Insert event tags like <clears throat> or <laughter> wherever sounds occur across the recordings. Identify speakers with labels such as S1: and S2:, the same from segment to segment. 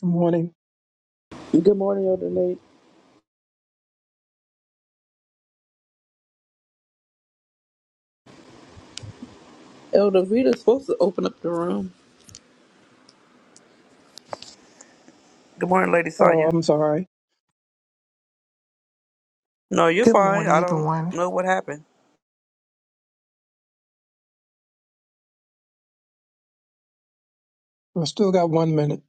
S1: Good morning.
S2: Good morning, Elder Nate. Elder Vita's supposed to open up the room. Good morning, Lady
S1: Oh,
S2: Sonya.
S1: I'm sorry.
S2: No, you're
S3: Good
S2: fine.
S3: morning,
S2: I don't
S3: everyone.
S2: know what happened.
S1: I still got one minute.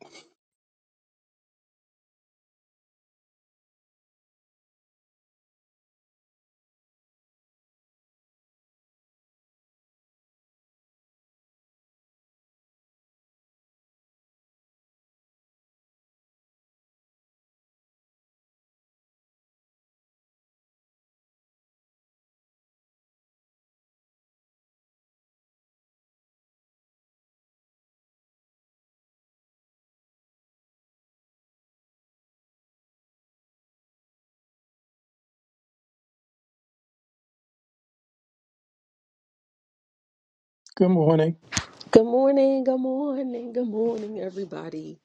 S1: Good morning.
S4: Good morning, good morning, good morning, everybody.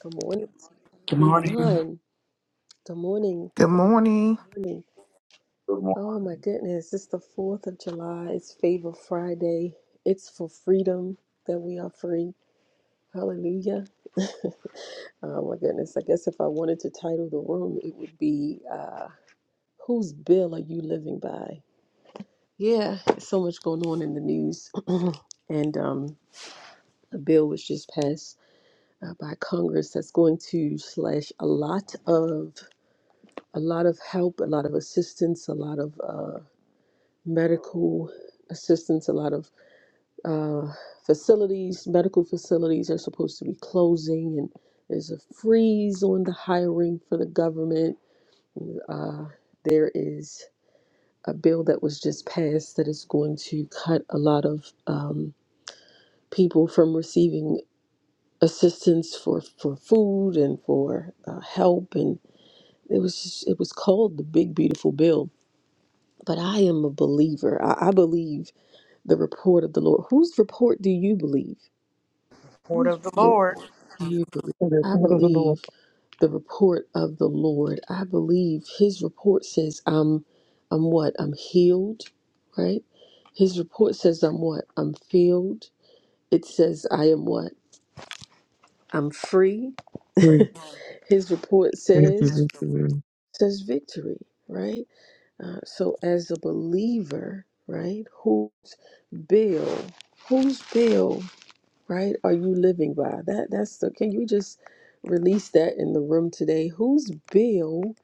S4: Good morning,
S2: Good morning.
S4: everyone. Good morning,
S3: Good
S4: good
S3: morning,
S4: morning.
S5: Good morning,
S4: Oh my goodness, it's the 4th of July. It's Favor Friday. It's for freedom that we are free. Hallelujah. <laughs> Oh my goodness. I guess if I wanted to title the room, it would be uh, Whose Bill Are You Living By? Yeah, so much going on in the news. <clears throat> and um, a bill was just passed uh, by Congress that's going to slash a lot of a lot of help, a lot of assistance, a lot of uh, medical assistance, a lot of uh, facilities. Medical facilities are supposed to be closing, and there's a freeze on the hiring for the government. Uh, there is a bill that was just passed that is going to cut a lot of um, people from receiving assistance for, for food and for uh, help and It was just, it was called the Big Beautiful Bill. But I am a believer. I, I believe the report of the Lord. Whose report do you believe?
S2: Word
S4: Whose
S2: of the
S4: report
S2: Lord.
S4: do you believe?
S1: For the
S4: I
S1: blood of the Lord,
S4: believe the report of the Lord. I believe His report says I'm, I'm what? I'm healed, right? His report says I'm what? I'm filled. It says I am what? I'm free.
S6: Three.
S4: His report
S6: Thank
S4: says
S6: you, Victory.
S4: says victory, right? Uh, so, as a believer, right, whose bill, whose bill, right, are you living by? That that's the. Can you just release that in the room today? Whose bill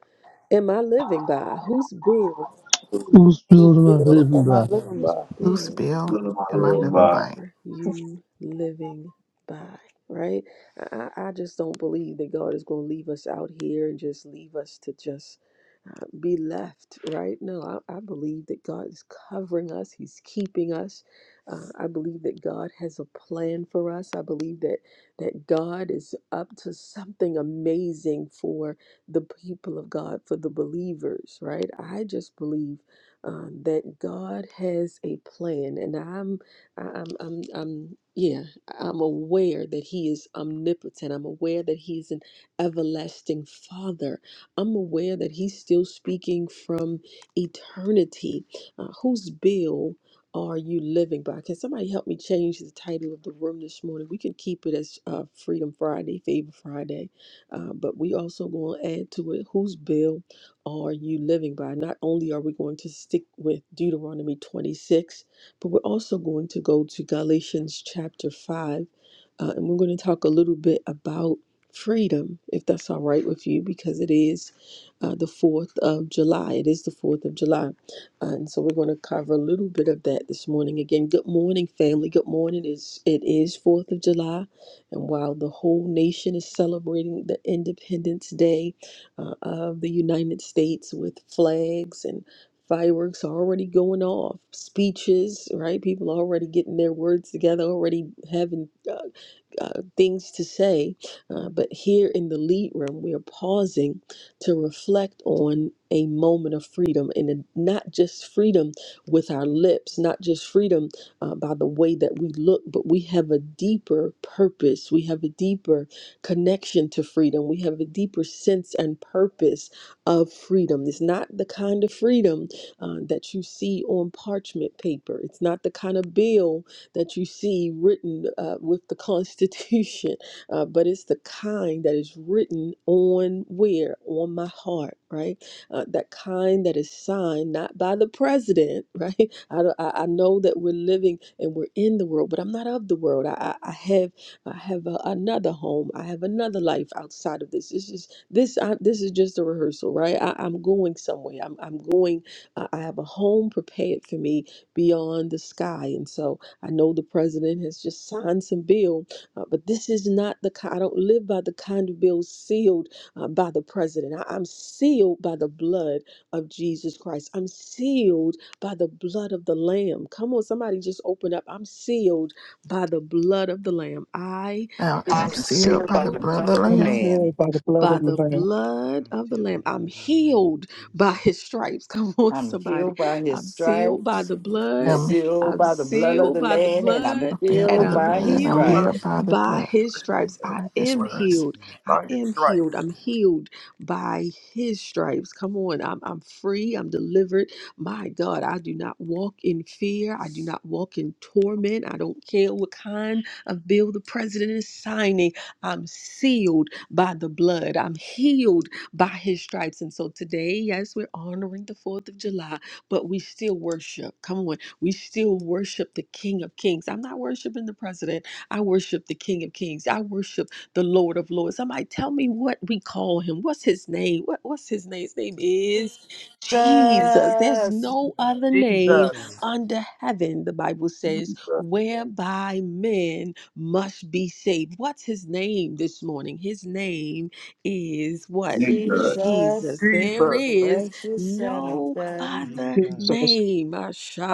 S4: am I living by? Whose bill?
S7: Who's
S2: Whose
S7: building my
S2: will
S7: living
S2: am I
S7: by?
S2: living
S4: Whose
S2: by?
S4: bill
S3: Lucibel
S5: good
S3: and my
S5: morning,
S3: living
S5: everybody.
S3: body.
S4: are you living by? Right? I, I I just don't believe that God is going to leave us out here and just leave us to just uh, be left, right? No, I, I believe that God is covering us, He's keeping us. Uh, I believe that God has a plan for us. I believe that that God is up to something amazing for the people of God, for the believers, right? I just believe um, that God has a plan, and I'm, I'm, I'm, I'm, yeah, I'm aware that He is omnipotent. I'm aware that He's an everlasting Father I'm aware that he's still speaking from eternity. Uh, whose bill are you living by? Can somebody help me change the title of the room this morning? We can keep it as uh, Freedom Friday, Favor Friday, uh, but we also going to add to it whose bill are you living by? Not only are we going to stick with Deuteronomy 26, but we're also going to go to Galatians chapter 5. uh, and we're going to talk a little bit about freedom, if that's all right with you, because it is uh, the 4th of July. It is the 4th of July. Uh, and so we're going to cover a little bit of that this morning. Again, good morning, family. Good morning. It's, it is 4th of July. And while the whole nation is celebrating the Independence Day uh, of the United States with flags and Fireworks already going off, speeches, right? People already getting their words together, already having uh, uh, things to say, uh, but here in the lead room, we are pausing to reflect on a moment of freedom and it- not just freedom with our lips, not just freedom uh, by the way that we look, but we have a deeper purpose. We have a deeper connection to freedom. We have a deeper sense and purpose of freedom. It's not the kind of freedom uh, that you see on parchment paper, it's not the kind of bill that you see written uh, with the Constitution, <laughs> uh, but it's the kind that is written on where? On my heart, right? Uh, that kind that is signed not by the president, <laughs> right? I, don't- I, I know that we're living and we're in the world, but I'm not of the world. I, I I have I have a, another home. I have another life outside of this. This is this I, this is just a rehearsal, right? I, I'm going somewhere. I'm I'm going. I I have a home prepared for me beyond the sky, and so I know the president has just signed some bill, uh, but this is not the kind. I don't live by the kind of bill sealed uh, by the president. I, I'm sealed by the blood of Jesus Christ. I'm sealed by the blood of the Lamb. Come on, somebody just open up. I'm sealed by the blood of the Lamb. I
S3: I
S4: am
S8: I
S3: am
S8: am
S3: sealed
S8: sealed
S3: by
S8: by
S3: the
S8: the
S4: sealed
S3: blood
S8: blood
S3: of the
S8: of the
S1: I'm
S3: Lamb.
S8: Lamb.
S1: filled by the blood
S4: by
S1: of the
S4: the
S1: Lamb.
S4: blood
S9: I'm
S4: of the
S9: sealed by
S4: Lamb.
S9: the
S4: I'm
S9: blood of the Lamb.
S4: healed
S9: Praise
S4: by
S9: God.
S4: his stripes. <laughs> Come on,
S8: I'm
S4: somebody.
S8: healed by his
S4: I'm sealed by
S8: stripes.
S4: the
S8: I'm
S4: blood.
S3: I'm
S8: sealed
S4: I'm
S8: by the blood of
S4: sealed
S8: the
S4: by the
S8: Lamb, and I'm
S4: blood.
S9: I'm
S3: filled
S4: And
S3: by
S8: healed
S3: the
S4: I'm
S8: by
S9: sealed by
S3: blood.
S8: his
S9: the
S2: By
S3: I'm
S4: healed
S3: healed
S9: blood,
S8: stripes.
S3: by the
S4: by
S3: blood.
S4: his stripes.
S2: the
S4: I
S3: Like this
S4: am
S9: by
S2: blood,
S3: strikes.
S9: His
S4: healed.
S9: grace.
S4: I
S2: by your
S4: am healed.
S2: stripes.
S4: I'm healed by his stripes. Come on. I'm, I'm free. I'm delivered. My God, I do not walk in fear. I do not walk in torment. I don't care what kind of bill the president is signing. I'm sealed by the blood. I'm healed by his stripes. And so today, yes, we're honoring the 4th of July, but we still worship. Come on. We still worship the King of Kings. I'm not worshiping the president. I worship the King of Kings. I worship the Lord of Lords. Somebody tell me what we call him. What's his name? What, what's his name? His name is Jesus. There's
S8: Jesus,
S4: no other name
S9: Jesus,
S2: Jesus.
S4: under heaven, the Bible says,
S5: Jesus,
S4: whereby men must be saved. What's his name this morning? His name is what?
S5: Jesus,
S8: Jesus,
S4: Jesus. There
S2: Jesus.
S4: is
S8: precious Son of
S4: no
S8: God.
S4: other
S9: Jesus,
S1: Jesus,
S4: name.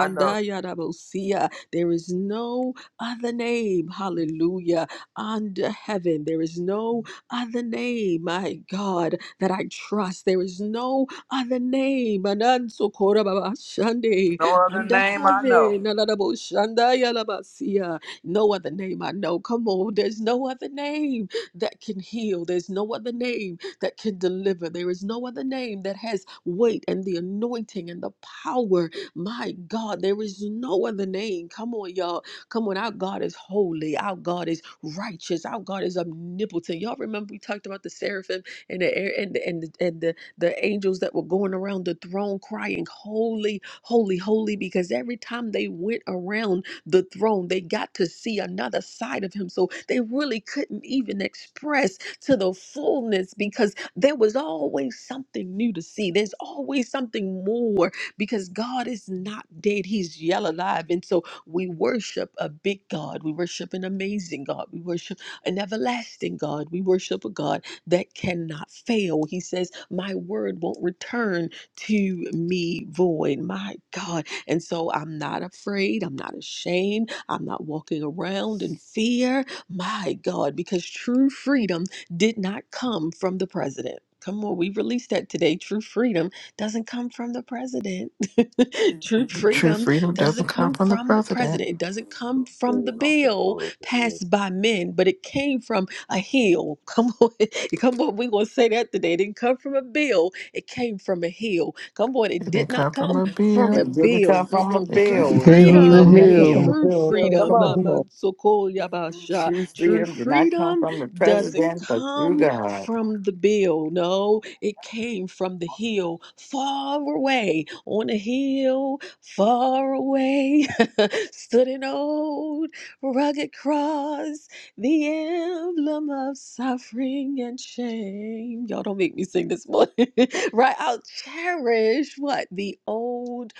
S2: I know.
S4: Yadabosia. There is no other name. Hallelujah. Under heaven, there is no other name, my God, that I trust. There is no other name. Ananso Korababa Shande.
S2: No other
S4: Under
S2: name I know.
S4: heaven. Nanadabo Shanda Yalabasia. No other name I know. Come on. There's no other name that can heal. There's no other name that can deliver. There is no other name that has weight and the anointing and the power. My God, there is no other name. Come on, y'all. Come on. Our God is holy. Our God is righteous. Our God is omnipotent. Y'all remember we talked about the seraphim and the air and the, and the, and the, the angels that were going around the throne crying, Holy, holy, holy, because every time they went around, the throne. They got to see another side of him. So they really couldn't even express to the fullness because there was always something new to see. There's always something more because God is not dead, He's yet alive. And so we worship a big God. We worship an amazing God. We worship an everlasting God. We worship a God that cannot fail. He says, My word won't return to me void. My God and so I'm not afraid. I'm not ashamed. I'm not walking around in fear. My God, because true freedom did not come from the president. Come on, we released that today. True freedom doesn't come from the president. <laughs> True
S3: True
S4: freedom
S3: freedom doesn't
S4: doesn't
S3: come
S4: come
S3: from the
S4: from the
S3: president.
S4: president. It doesn't come from the
S5: things I'm thankful
S4: bill
S5: for is
S4: passed by men, but it came from a hill. Come on, <laughs> come on, we're gonna say that today. It didn't come from a bill, it came from a hill Come on,
S3: It
S4: it did
S3: didn't
S4: not
S3: come from
S4: come
S3: a
S4: from a
S3: bill.
S8: It didn't
S4: bill.
S8: come from a
S4: Mm-mm.
S3: It
S4: True
S3: came
S8: bill, it
S3: from
S7: Came
S3: a
S8: came
S7: from
S1: it
S3: hill.
S7: the
S1: did
S8: from
S4: freedom,
S8: a
S1: not come from the
S7: hill.
S8: hill.
S4: true
S1: hill, it
S2: Yeah,
S1: came
S2: come
S1: from
S4: freedom.
S1: the
S4: uh,
S2: on.
S4: my
S1: hill.
S4: so-called yabasha.
S8: True
S4: True
S8: freedom did not come
S4: freedom
S8: from the
S4: doesn't
S8: president, but through
S4: come
S8: God.
S4: from the bill. No, it came from the hill, far away on a hill, far away. <laughs> Stood an old rugged cross the emblem of suffering and shame. Y'all don't make me sing this morning, <laughs> right? I'll cherish what? The old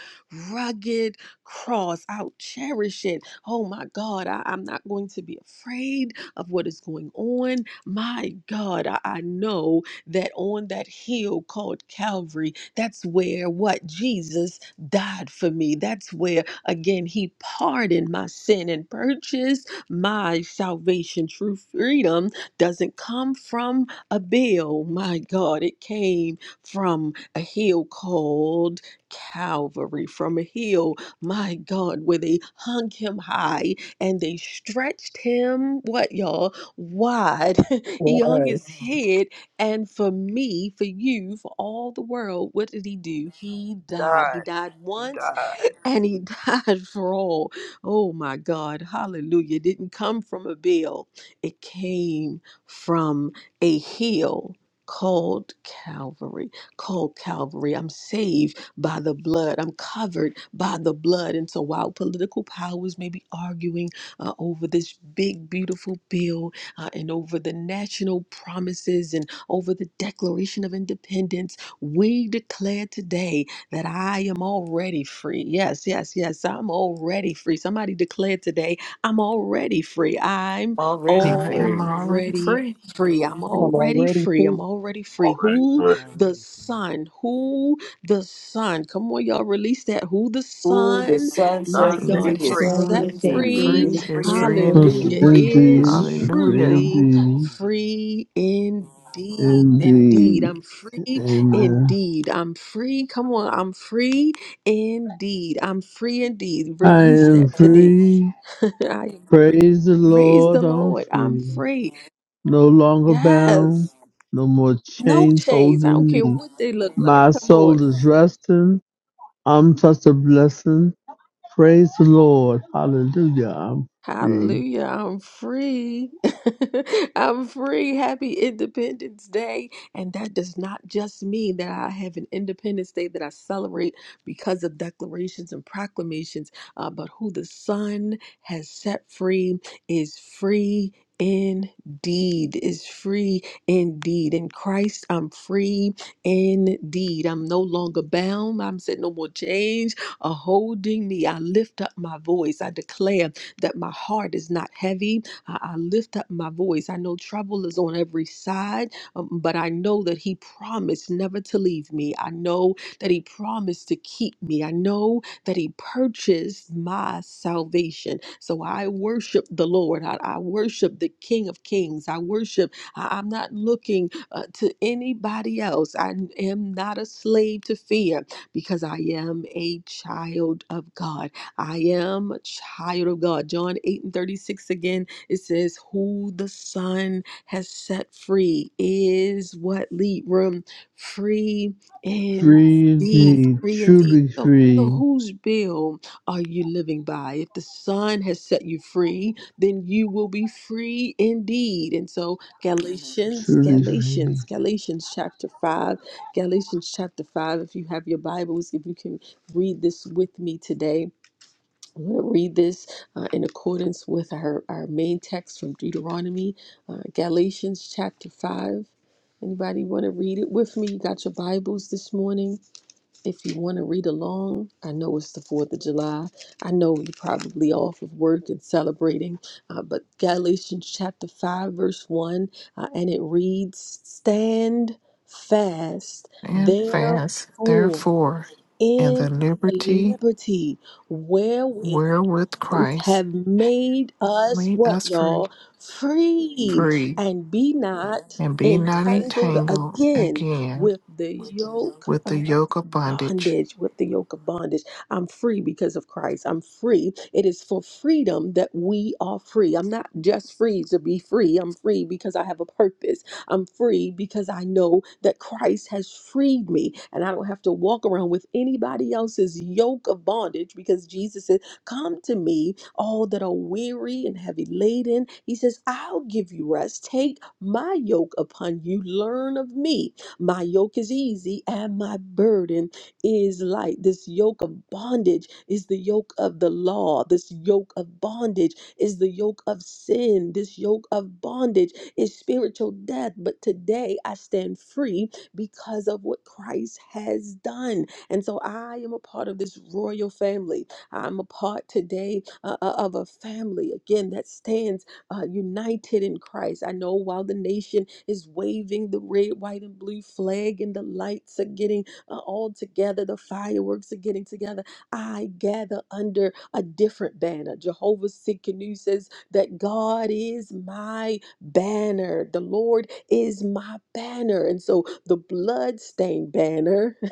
S4: rugged cross. I'll cherish it. Oh my God, I, am not going to be afraid of what is going on. My God, I, I know that on that hill called Calvary, that's where what? Jesus died for me. That's where, again, He pardoned my sin and purchased my salvation, true freedom, doesn't come from a bill. My God, it came from a hill called Calvary, from a hill, my God, where they hung him high and they stretched him, what y'all, wide. <laughs>
S1: For
S4: he hung
S1: I
S4: his Mhm. head, and for me, for you, for all the world, what did he do? He
S2: He
S4: died. He
S2: died.
S4: died
S2: He
S4: once
S2: died.
S4: and he <laughs> died for all. Oh my God. Hallelujah. It didn't come from a bill, it came from a hill called Calvary. Called Calvary. I'm saved by the blood, I'm covered by the blood. And so while political powers may be arguing uh, over this big, beautiful bill uh, and over the national promises and over the Declaration of Independence, we declare today that I am already free. Yes, yes, yes, I'm already free. Somebody declared today, I'm already free. I'm
S8: Already
S3: I am
S8: free.
S3: already
S4: already
S3: free.
S4: free. I'm
S1: am
S4: already
S1: already
S4: free.
S1: free.
S4: I'm already free.
S5: already
S4: Who
S9: I'm
S5: first.
S4: the
S9: already free.
S4: Son, who the Son, come on, y'all, release that. Who the
S8: Who the
S4: Son,
S8: Son
S4: my
S2: Son
S8: sets
S3: Who
S2: set
S4: God,
S8: free
S3: the
S1: Jesus,
S4: has
S8: is
S2: free.
S1: Son
S8: free
S1: is
S4: set
S3: Son
S1: set
S3: set
S1: free
S8: indeed.
S4: free,
S2: It's
S3: free
S1: and
S2: free
S3: is
S2: and
S3: free
S1: free
S7: Plus
S9: Who
S4: hallelujah,
S9: is
S1: indeed.
S2: free
S3: indeed.
S2: indeed.
S7: indeed,
S4: is
S9: some set
S7: free
S3: Hallelujah.
S9: free is
S4: truly
S9: free
S7: indeed,
S9: indeed.
S4: free indeed. Indeed, I'm
S7: indeed.
S4: free
S7: Amen.
S4: indeed. I'm free. Come on. I'm free indeed. I'm free indeed.
S7: I
S4: Release that
S7: am
S4: today.
S7: free.
S4: <laughs> I am free.
S7: Praise the
S4: Praise the
S7: Lord, I'm
S4: Lord. I'm
S7: free.
S4: free.
S7: No longer bound.
S4: Yes.
S7: No more
S4: No
S7: chains
S4: chains. I don't
S7: holding me.
S4: care what they look like.
S7: My
S4: Come on.
S7: soul is resting. I'm such a blessing. Praise the Lord. Hallelujah. I'm free.
S4: Hallelujah. I'm free. <laughs> I'm free. Happy Independence Day. And that does not just mean that I have an Independence Day that I celebrate because of declarations and proclamations, uh, but who the Son has set free is free. Indeed, is free indeed. In Christ, I'm free indeed. I'm no longer bound. I'm said no more change are holding me. I lift up my voice. I declare that my heart is not heavy. I, I lift up my voice. I know trouble is on every side, um, but I know that He promised never to leave me. I know that He promised to keep me. I know that He purchased my salvation. So I worship the Lord. I, I worship the King of Kings. I worship, I, am not looking uh, to anybody else. I am not a slave to fear because I am a child of God. I am a child of God. John 8 and 36 again, it says, Who the Son has set free is what lead room free
S7: Free
S4: indeed.
S7: indeed.
S4: Free indeed.
S7: Truly
S4: So, so
S7: free.
S4: whose bill are you living by? If the Son has set you free, then you will be free indeed. And so Galatians,
S7: Truly free.
S4: Galatians, Galatians chapter 5, Galatians chapter 5, if you have your Bibles, if you can read this with me today. I'm going to read this uh, in accordance with our, our main text from Deuteronomy, uh, Galatians chapter 5. Anybody want to read it with me? You got your Bibles this morning. If you want to read along, I know it's the 4th of July. I know you're probably off of work and celebrating, uh, but Galatians chapter 5, verse 1, uh, and it reads Stand fast,
S3: And fast,
S4: therefore
S3: therefore, in the
S4: in the
S3: liberty
S4: liberty wherewith
S3: wherewith
S4: Christ
S3: Christ
S4: have made us
S3: Lead
S4: what
S3: us free,
S4: y'all free
S3: free,
S4: and be not
S3: and be not
S4: entangled
S3: entangled
S4: again
S3: again
S4: with the yoke
S3: with the
S4: of
S3: yoke of bondage.
S4: bondage with the yoke of bondage i'm free because of christ i'm free it is for freedom that we are free i'm not just free to be free i'm free because i have a purpose I'm free because I know that Christ has freed me and I don't have to walk around with anybody else's yoke of bondage because Jesus said, Come to me, all that are weary and heavy laden. He says, I'll give you rest. Take my yoke upon you. Learn of me. My yoke is easy and my burden is light. This yoke of bondage is the yoke of the law. This yoke of bondage is the yoke of sin. This yoke of bondage is spiritual death. But today I stand free because of what Christ has done. And so I am a part of this royal family. I'm a part today uh, uh, of a family, again, that stands uh, united in Christ. I know while the nation is waving the red, white, and blue flag, and the lights are getting uh, all together, the fireworks are getting together, I gather under a different banner. Jehovah's Sikkenu says that God is my banner. The Lord is my banner. And so the bloodstained banner, <laughs>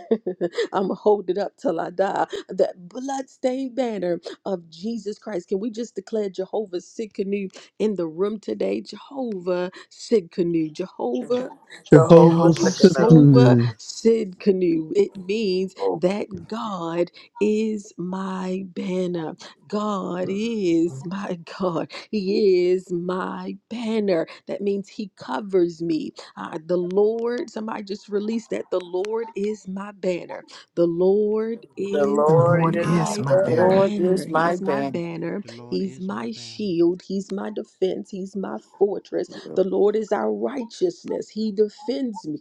S4: I'm going to hold it up till I die. That bloodstained banner of Jesus Christ. Can we just declare Jehovah Sikkenu in the room today? Jehovah Sikkenu, Jehovah
S2: Jehovah
S7: Jehovah
S4: canoe.
S3: Jehovah
S2: Sikkenu.
S3: Sikkenu,
S4: Jehovah
S7: Sippin,
S4: Sid canoe. It means
S5: hope,
S4: that God is my banner. God is my <laughs> God. He is my banner. That means He covers me. Uh, the Lord, somebody just released that. The Lord is my banner. The Lord
S2: The
S4: is
S3: the
S2: Lord
S3: Lord
S5: is
S2: is
S5: my
S3: is
S2: my
S4: my
S3: my
S2: banner.
S5: Saturday.
S3: banner.
S8: Lord
S4: banner.
S8: is my
S4: He's my
S8: banner.
S4: banner.
S9: The Lord
S4: He's
S9: is my
S4: my
S9: banner.
S4: shield. He's my defense. He's my fortress. The Lord is our righteousness. He defends me.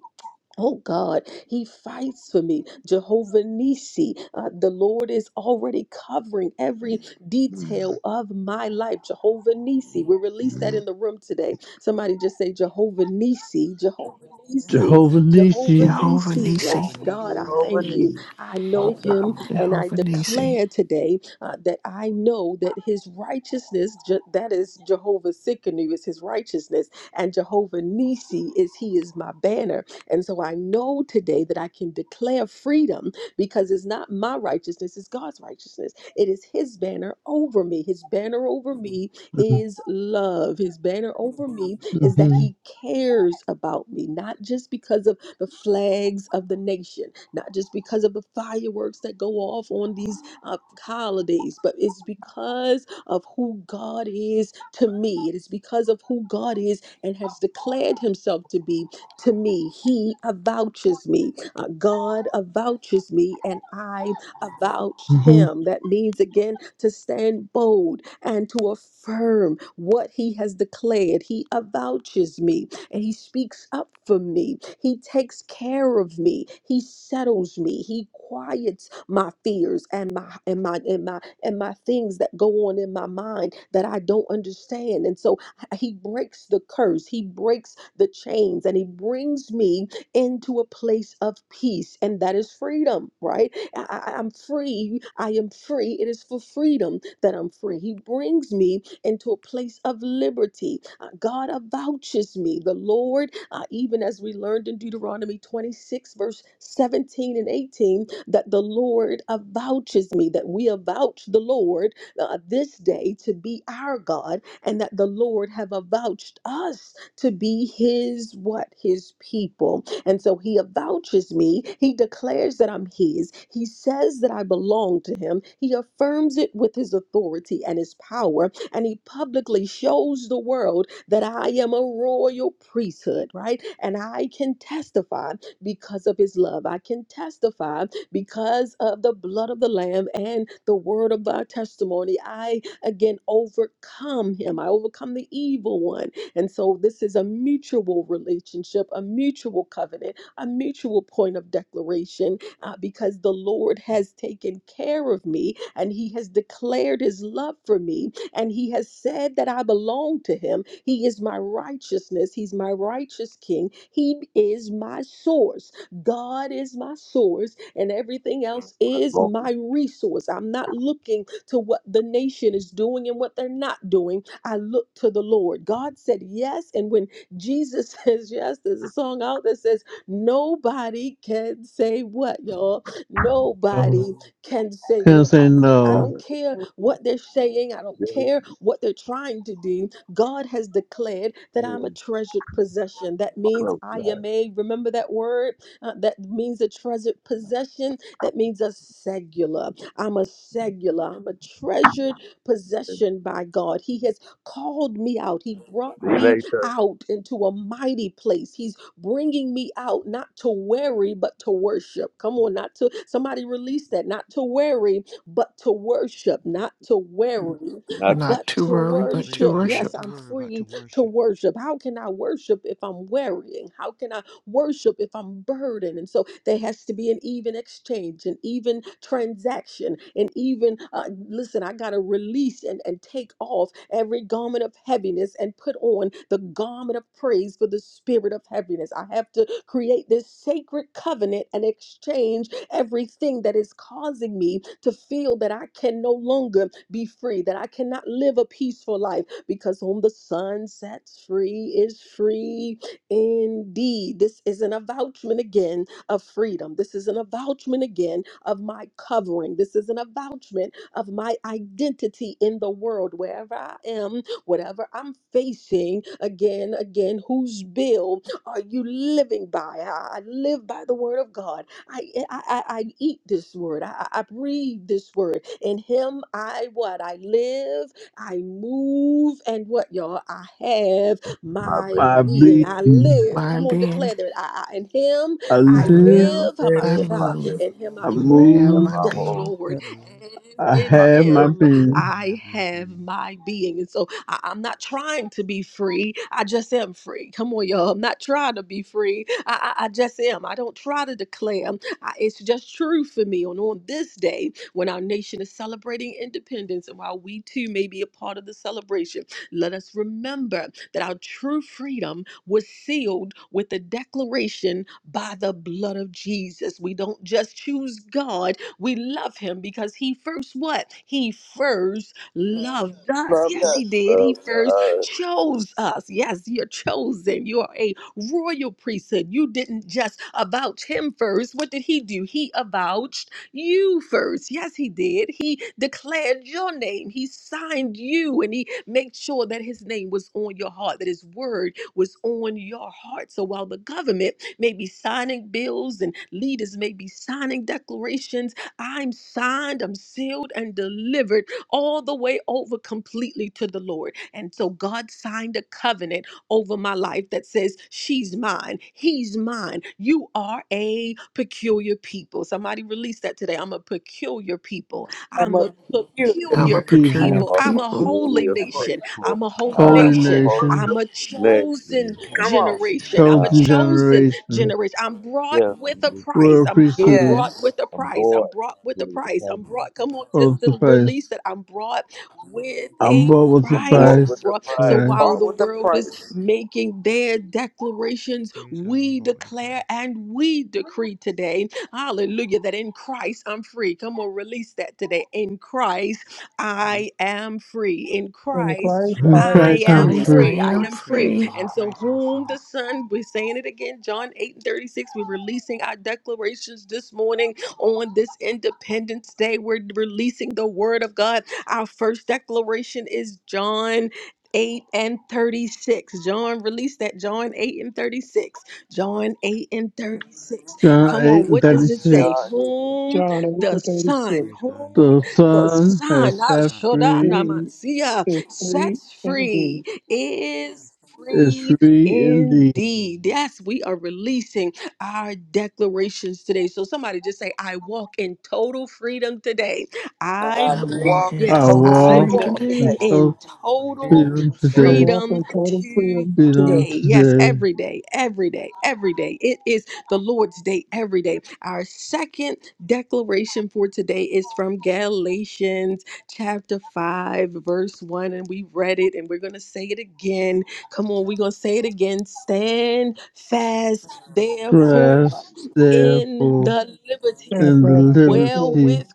S4: Oh God, He fights for me. Jehovah Nisi, uh, the Lord is already covering every detail of my life. Jehovah Nisi, we released that in the room today. Somebody just say Jehovah Nisi, Jehovah Nisi,
S7: Jehovah
S4: Jehovah
S7: Nisi.
S3: Jehovah
S4: Nisi.
S5: Oh,
S9: Jehovah
S3: Nisi,
S4: Yes,
S5: what
S4: God,
S5: means
S9: Nissi.
S4: I
S2: Jehovah
S5: to
S4: thank
S2: Nissi.
S4: you.
S5: you?
S4: I
S5: My
S4: know Him,
S5: family.
S4: and I
S3: Jehovah Nisi,
S4: declare today uh, that I know that His righteousness, Je- that is Jehovah Sikkenu, is His righteousness, and Jehovah Nisi is He is my banner and so I know today that I can declare freedom because it's not my righteousness, it's God's righteousness. It is His banner over me. His banner over me is love. His banner over me is that
S7: Mm-hmm.
S4: He cares about me, not just because of the flags of the nation, not just because of the fireworks that go off on these uh, holidays, but it's because of who God is to me. It is because of who God is and has declared Himself to be to me. He avouches me. Uh, God avouches me, and I avouch
S7: Mm-hmm.
S4: him. That means, again, to stand bold and to affirm what he has declared. He avouches me and he speaks up for me. He takes care of me. He settles me. He quiets my fears and my and my and my and my things that go on in my mind that I don't understand. And so he breaks the curse, He breaks the chains, and He brings me into a place of peace. And that is freedom, right? I, I- I'm free. I am free. It is for freedom that I'm free. He brings me into a place of liberty. Uh, God avouches me. The Lord, uh, even as we learned in Deuteronomy 26, verse 17 and 18, that the Lord avouches me, that we avouch the Lord uh, this day to be our God and that the Lord have avouched us to be his what his people. And so he avouches me, he declares that I'm his. He says that I belong to him. He affirms it with his authority and his power, and he publicly shows the world that I am a royal priesthood, right? And I can testify because of his love. I can testify because of the blood of the lamb and the word of our testimony. I again overcome him. I overcome the evil one. And so this is a mutual relationship, a mutual covenant, a mutual point of declaration uh, because the Lord has taken care of me and he has declared his love for me and he has said that I belong to him. He is my righteousness. He's my righteous king. He is my source. God is my source and everything else
S5: I
S4: is
S5: love you,
S4: my resource. I'm not looking to what the nation is doing and what they're not doing. I look to the Lord. God said yes. And when Jesus <laughs> says yes, there's a song out that says, Nobody can say what, y'all?
S7: Oh,
S4: Nobody can say no.
S7: can't
S4: I,
S7: say
S4: I
S7: no.
S4: don't
S5: Father.
S4: care what they're saying. I don't
S5: Really?
S4: care what they're trying to do. God has declared that I'm a
S5: Mm,
S4: treasured possession. That means
S5: close
S4: I
S5: that.
S4: am a, remember that word? Uh, that means a treasured possession. That means a singular. I'm a segula. I'm a treasured
S5: And
S4: possession by God. He has called me out. He brought
S5: See you
S4: me
S5: later.
S4: out into a mighty place. He's bringing me out not to worry, but to worship. Come on, not to somebody release that. Not to worry, but to worship. Not to worry,
S5: Not
S3: not
S4: but
S3: to
S4: to
S3: worry but
S9: Praise
S3: to
S4: worship.
S9: God.
S4: Yes,
S9: Not to
S3: worship.
S4: I'm
S9: worry, but to
S4: free to
S9: worship.
S4: worship. How can I worship if I'm worrying? How can I worship if I'm burdened. And so there has to be an even exchange, an even transaction, and even uh, listen, I got to release and, and take off every garment of heaviness and put on the garment of praise for the spirit of heaviness. I have to create this sacred covenant and exchange everything that is causing me to feel that I can no longer be free, that I cannot live a peaceful life because whom the sun sets free is free Indeed, this is an avouchment again of freedom. This is an avouchment again of my covering. This is an avouchment of my identity in the world, wherever I am, whatever I'm facing. Again, again, whose bill are you living by? I I live by the word of God. I I, I, I eat this word. I, I I breathe this word. In Him, I what? I live. I move, and what y'all? I have
S5: my
S4: my
S7: I
S5: baby. You
S4: being.
S5: can
S7: be,
S4: I live.
S3: My
S4: Come on,
S3: being,
S4: declare that. I, I in Him
S7: I
S3: I
S4: I
S7: live,
S3: live,
S4: live. How about
S3: I
S10: Thank
S5: get my
S4: Shah?
S5: baby.
S3: move,
S4: In Him
S7: I
S4: I
S9: Praise
S3: and I
S9: God.
S3: have
S5: Get
S7: move,
S4: move.
S3: my
S5: my
S4: Yes,
S5: home.
S3: being.
S9: I
S4: Lord.
S9: live.
S4: And
S5: That's
S7: I
S4: in
S5: my
S7: have my
S4: Him
S5: character.
S7: being.
S9: I have
S4: I
S9: my
S4: have
S9: being.
S4: my being. And so I, I'm not trying to be free. I just am free. Come on, y'all. I'm not trying to be free. I, I, I just am. I don't try to declare. I, it's just true for me. And on this day, when our nation is celebrating independence, and while we too may be a part of the celebration, let us remember that our true freedom was sealed with the declaration by the blood of Jesus. We don't just choose God, we love him because he first what? He first loved us.
S2: Love,
S4: Yes,
S2: look,
S4: he did.
S5: Love
S4: He
S5: to
S4: first
S5: us.
S4: chose us. Yes, you're chosen. You are a royal priesthood. You didn't just avouch him first. What did he do? He avouched you first. Yes, he did. He declared your name. He signed you and he made sure that his name was on your heart, that his word was on your heart. So while the government may be signing bills and leaders may be signing declarations, I'm signed, I'm sealed, and delivered all the way over completely to the Lord. And so God signed a covenant over my life that says, She's mine, he's mine. You are a peculiar people. Somebody release that today. I'm a peculiar people.
S2: I'm
S4: I'm
S2: a
S4: a
S2: peculiar
S7: This
S3: I'm a
S4: peculiar
S5: I
S3: peculiar
S5: am
S7: people,
S4: people.
S5: a
S4: I'm a
S3: people.
S4: holy
S5: peculiar
S2: member.
S4: nation.
S5: faithful.
S4: I'm a
S5: I
S4: holy
S5: am
S7: holy
S2: Um,
S5: a
S4: nation.
S7: nation,
S5: holy
S4: I'm a chosen
S9: A
S5: nation.
S2: come
S9: holy
S2: on.
S9: nation.
S4: generation. I'm a
S7: chosen
S4: chosen
S7: generation,
S4: generation. I'm brought
S5: Yeah,
S4: with a
S5: nigga, it's just-
S4: price.
S7: royal
S4: I'm I'm
S7: priesthood
S4: brought
S2: Yes.
S4: with a
S5: I'm
S4: price. I'm
S5: bored
S4: brought with a
S5: with the
S4: price. I'm
S5: pride.
S4: brought. Come on, just
S7: of the
S4: to release
S7: faith.
S4: that I'm brought with
S7: I'm
S4: a
S7: born with the
S5: I'm
S4: price.
S5: bored with
S7: Christ,
S5: the
S4: Barbara. So
S5: pride.
S7: right?
S4: while
S2: Bought
S5: dude.
S4: the
S2: with the
S4: world is
S2: price.
S4: making their declarations,
S9: Praise God. I'm
S4: we
S9: bought with a price.
S4: declare and we decree today, hallelujah, that in Christ I'm free. Come on, release that today. In Christ I am free. In
S1: In
S4: Christ
S1: Christ,
S7: In
S1: I am
S3: In
S4: I
S7: Christ I'm
S4: am
S1: free.
S3: Christ, I
S7: free.
S4: free. I
S3: am
S4: am
S9: Praise
S4: free.
S9: God.
S3: free.
S9: In
S4: And so,
S9: Christ I'm
S4: whom
S9: free.
S4: the Son, we're saying it again, John 8 and 36, we're releasing our declarations this morning on this Independence Day. We're releasing the Word of God. Our first declaration is John 8 and 36. John, released that. John 8 and 36. John 8 and 36.
S7: John
S4: Come on,
S7: 8 and
S4: what does it say?
S5: God,
S7: 36.
S5: they just-
S4: Whom
S5: they
S1: John 8
S5: just
S4: the
S1: and 36.
S4: Son,
S9: Praise
S5: so
S9: God.
S4: whom
S7: The
S4: the
S7: Son
S4: Son,
S7: has
S4: ah,
S7: set
S9: John eight thirty
S7: free
S4: Shodana
S9: six.
S1: Free is free
S5: selfish.
S4: sets
S1: indeed.
S4: free is
S7: is
S4: free
S7: free indeed.
S9: 36. Indeed.
S4: indeed. Yes, we are releasing our declarations today. So somebody just say, I walk in total freedom today. I
S3: I
S2: I'm
S4: walk.
S3: walk
S9: I
S3: in
S2: walking
S7: Our
S4: Yes,
S9: walk
S3: total
S2: total
S9: in
S4: I
S7: war
S3: freedom
S9: total
S2: freedom
S4: walk
S9: freedom
S3: today.
S2: today.
S9: today.
S4: in
S7: until
S9: Praise
S5: They
S4: total
S9: God.
S7: freedom
S1: I
S7: today,
S1: walk
S4: freedom
S1: in total
S4: today.
S1: freedom today.
S7: freedom
S4: Yes,
S5: said,
S7: today.
S4: every day, every day, every day. It is the Lord's day every day. Our second declaration for today is from Galatians chapter 5, verse 1. And we read it and we're going to say it again. Come on, we're going to say it again. Stand fast, therefore,
S7: Trust,
S4: in
S7: therefore,
S4: the
S1: And
S4: liberty
S7: in the
S1: rest, therefore,
S7: liberty
S4: wherewith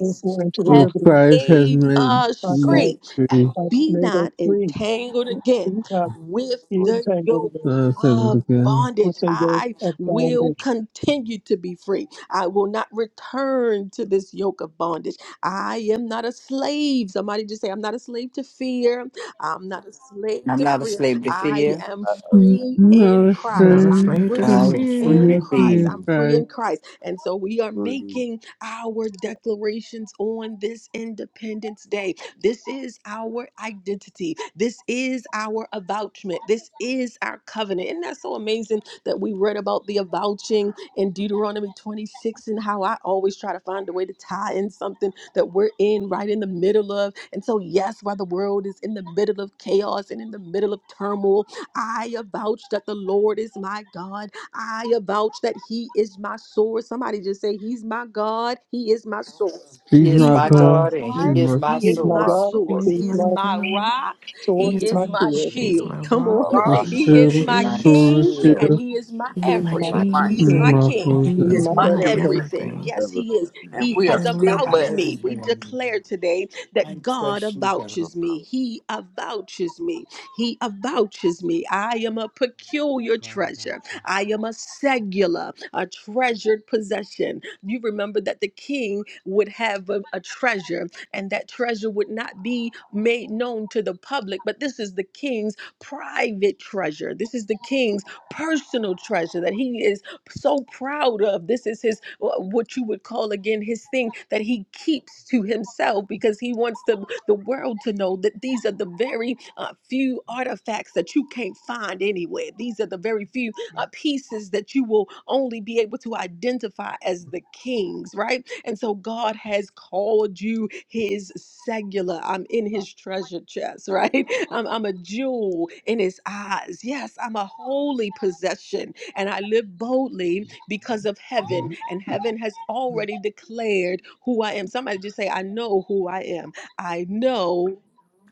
S1: therefore, into the
S7: which
S4: have
S1: liberty
S7: Christ has
S4: made
S7: made
S1: by
S4: us
S7: me
S1: Christ.
S4: free
S7: free.
S4: and
S1: uh,
S4: be
S1: may those
S4: not
S1: three
S4: entangled
S1: do
S4: again
S1: not
S4: with
S1: be
S5: "Lord,
S4: the
S1: entangled
S4: yoke
S1: in
S7: Now I think
S4: of
S7: again.
S4: bondage.
S1: once they go
S4: I
S1: of
S4: will
S9: Hallelujah.
S1: bondage.
S4: continue to be free. I will not return to this yoke of bondage. I am not a slave. Somebody just say, I'm not a slave to fear. I'm not a slave
S8: I'm
S4: to
S8: not a
S4: fear.
S8: slave to
S4: I
S8: fear.
S4: am
S5: I thank you
S4: free in
S7: Not
S3: not
S4: Christ.
S3: a
S4: I'm
S7: strange
S3: slave to
S8: I
S4: free
S7: from
S8: am
S3: fear.
S8: free
S4: in Christ.
S7: Jesus
S4: I'm
S8: indeed.
S4: free
S7: Christ.
S4: in Christ. And so we are
S5: for this
S4: making our declarations on this Independence Day this is our identity. This is our avouchment. This is our covenant. Isn't that so amazing that we read about the avouching in Deuteronomy 26 and how I always try to find a way to tie in something that we're in right in the middle of? And so, yes, while the world is in the middle of chaos and in the middle of turmoil, I avouch that the Lord is my God. I avouch that He is my source. Somebody just say, He's my God. He is my source.
S8: He
S7: He's
S8: is
S7: my
S4: He's
S8: my
S4: my
S7: God.
S8: God and
S7: He
S8: He
S4: God.
S5: chance
S8: is
S5: to
S7: must
S8: my
S4: He
S1: He is
S4: is
S5: use
S1: my
S4: my
S5: my
S8: source.
S1: God,
S5: sword,
S4: source.
S1: he
S3: He's
S1: is
S3: my
S4: He's
S1: my
S4: my
S3: God.
S4: rock. He
S1: sword,
S3: He's,
S1: is my
S4: is
S3: the,
S4: my
S1: shield,
S9: Praise
S3: he's
S9: God.
S4: shield.
S9: My
S3: my
S4: Come
S9: God is
S3: rock.
S4: on. <laughs>
S5: Father,
S9: my
S2: Rock
S7: fulfill.
S5: I
S9: source.
S3: He's
S4: He
S3: my
S8: He
S4: is
S7: shield,
S8: is
S4: my
S8: my
S3: shield.
S7: and
S4: king
S2: still
S8: shield,
S4: and
S7: shield.
S4: he is my
S1: he
S3: He's
S1: is
S3: my
S1: my
S2: is
S8: my
S4: everything.
S2: my
S3: king.
S4: He's
S8: king,
S4: my
S1: king,
S2: key,
S7: my
S9: He is
S4: king.
S3: And
S9: my
S7: God.
S1: he is
S2: is
S4: He's
S3: he's
S1: my
S9: King,
S2: my
S4: my
S3: my
S1: everything.
S2: everything.
S4: everything.
S3: everything.
S4: Yes,
S5: never
S4: he is.
S2: And
S5: forget.
S4: He
S2: we
S4: has
S2: are still
S3: Hallelujah.
S8: my
S4: avouched
S2: blessed.
S4: me.
S9: my
S4: We
S8: everything.
S9: everything.
S4: declare today
S8: I
S4: that God
S8: trust you, God.
S5: So
S4: avouches me. He avouches me. He avouches me. I am a peculiar
S9: God
S4: treasure.
S9: avouch me.
S4: I am a singular, a treasured possession. You remember that the king would have a, a treasure and that treasure would not be made known to the public. But this is the king's private treasure. This is the king's personal treasure that he is so proud of. This is his, wh- what you would call again, his thing that he keeps to himself because he wants the, the world to know that these are the very uh, few artifacts that you can't find anywhere. These are the very few uh, pieces that you will only be able to identify as the king's, right? And so God has called you his segula. I'm in his treasure chest, right? <laughs> I'm, I'm a jewel in his eyes. Yes, I'm a holy possession, and I live boldly because of heaven, and heaven has already declared who I am. Somebody just say, I know who I am. I know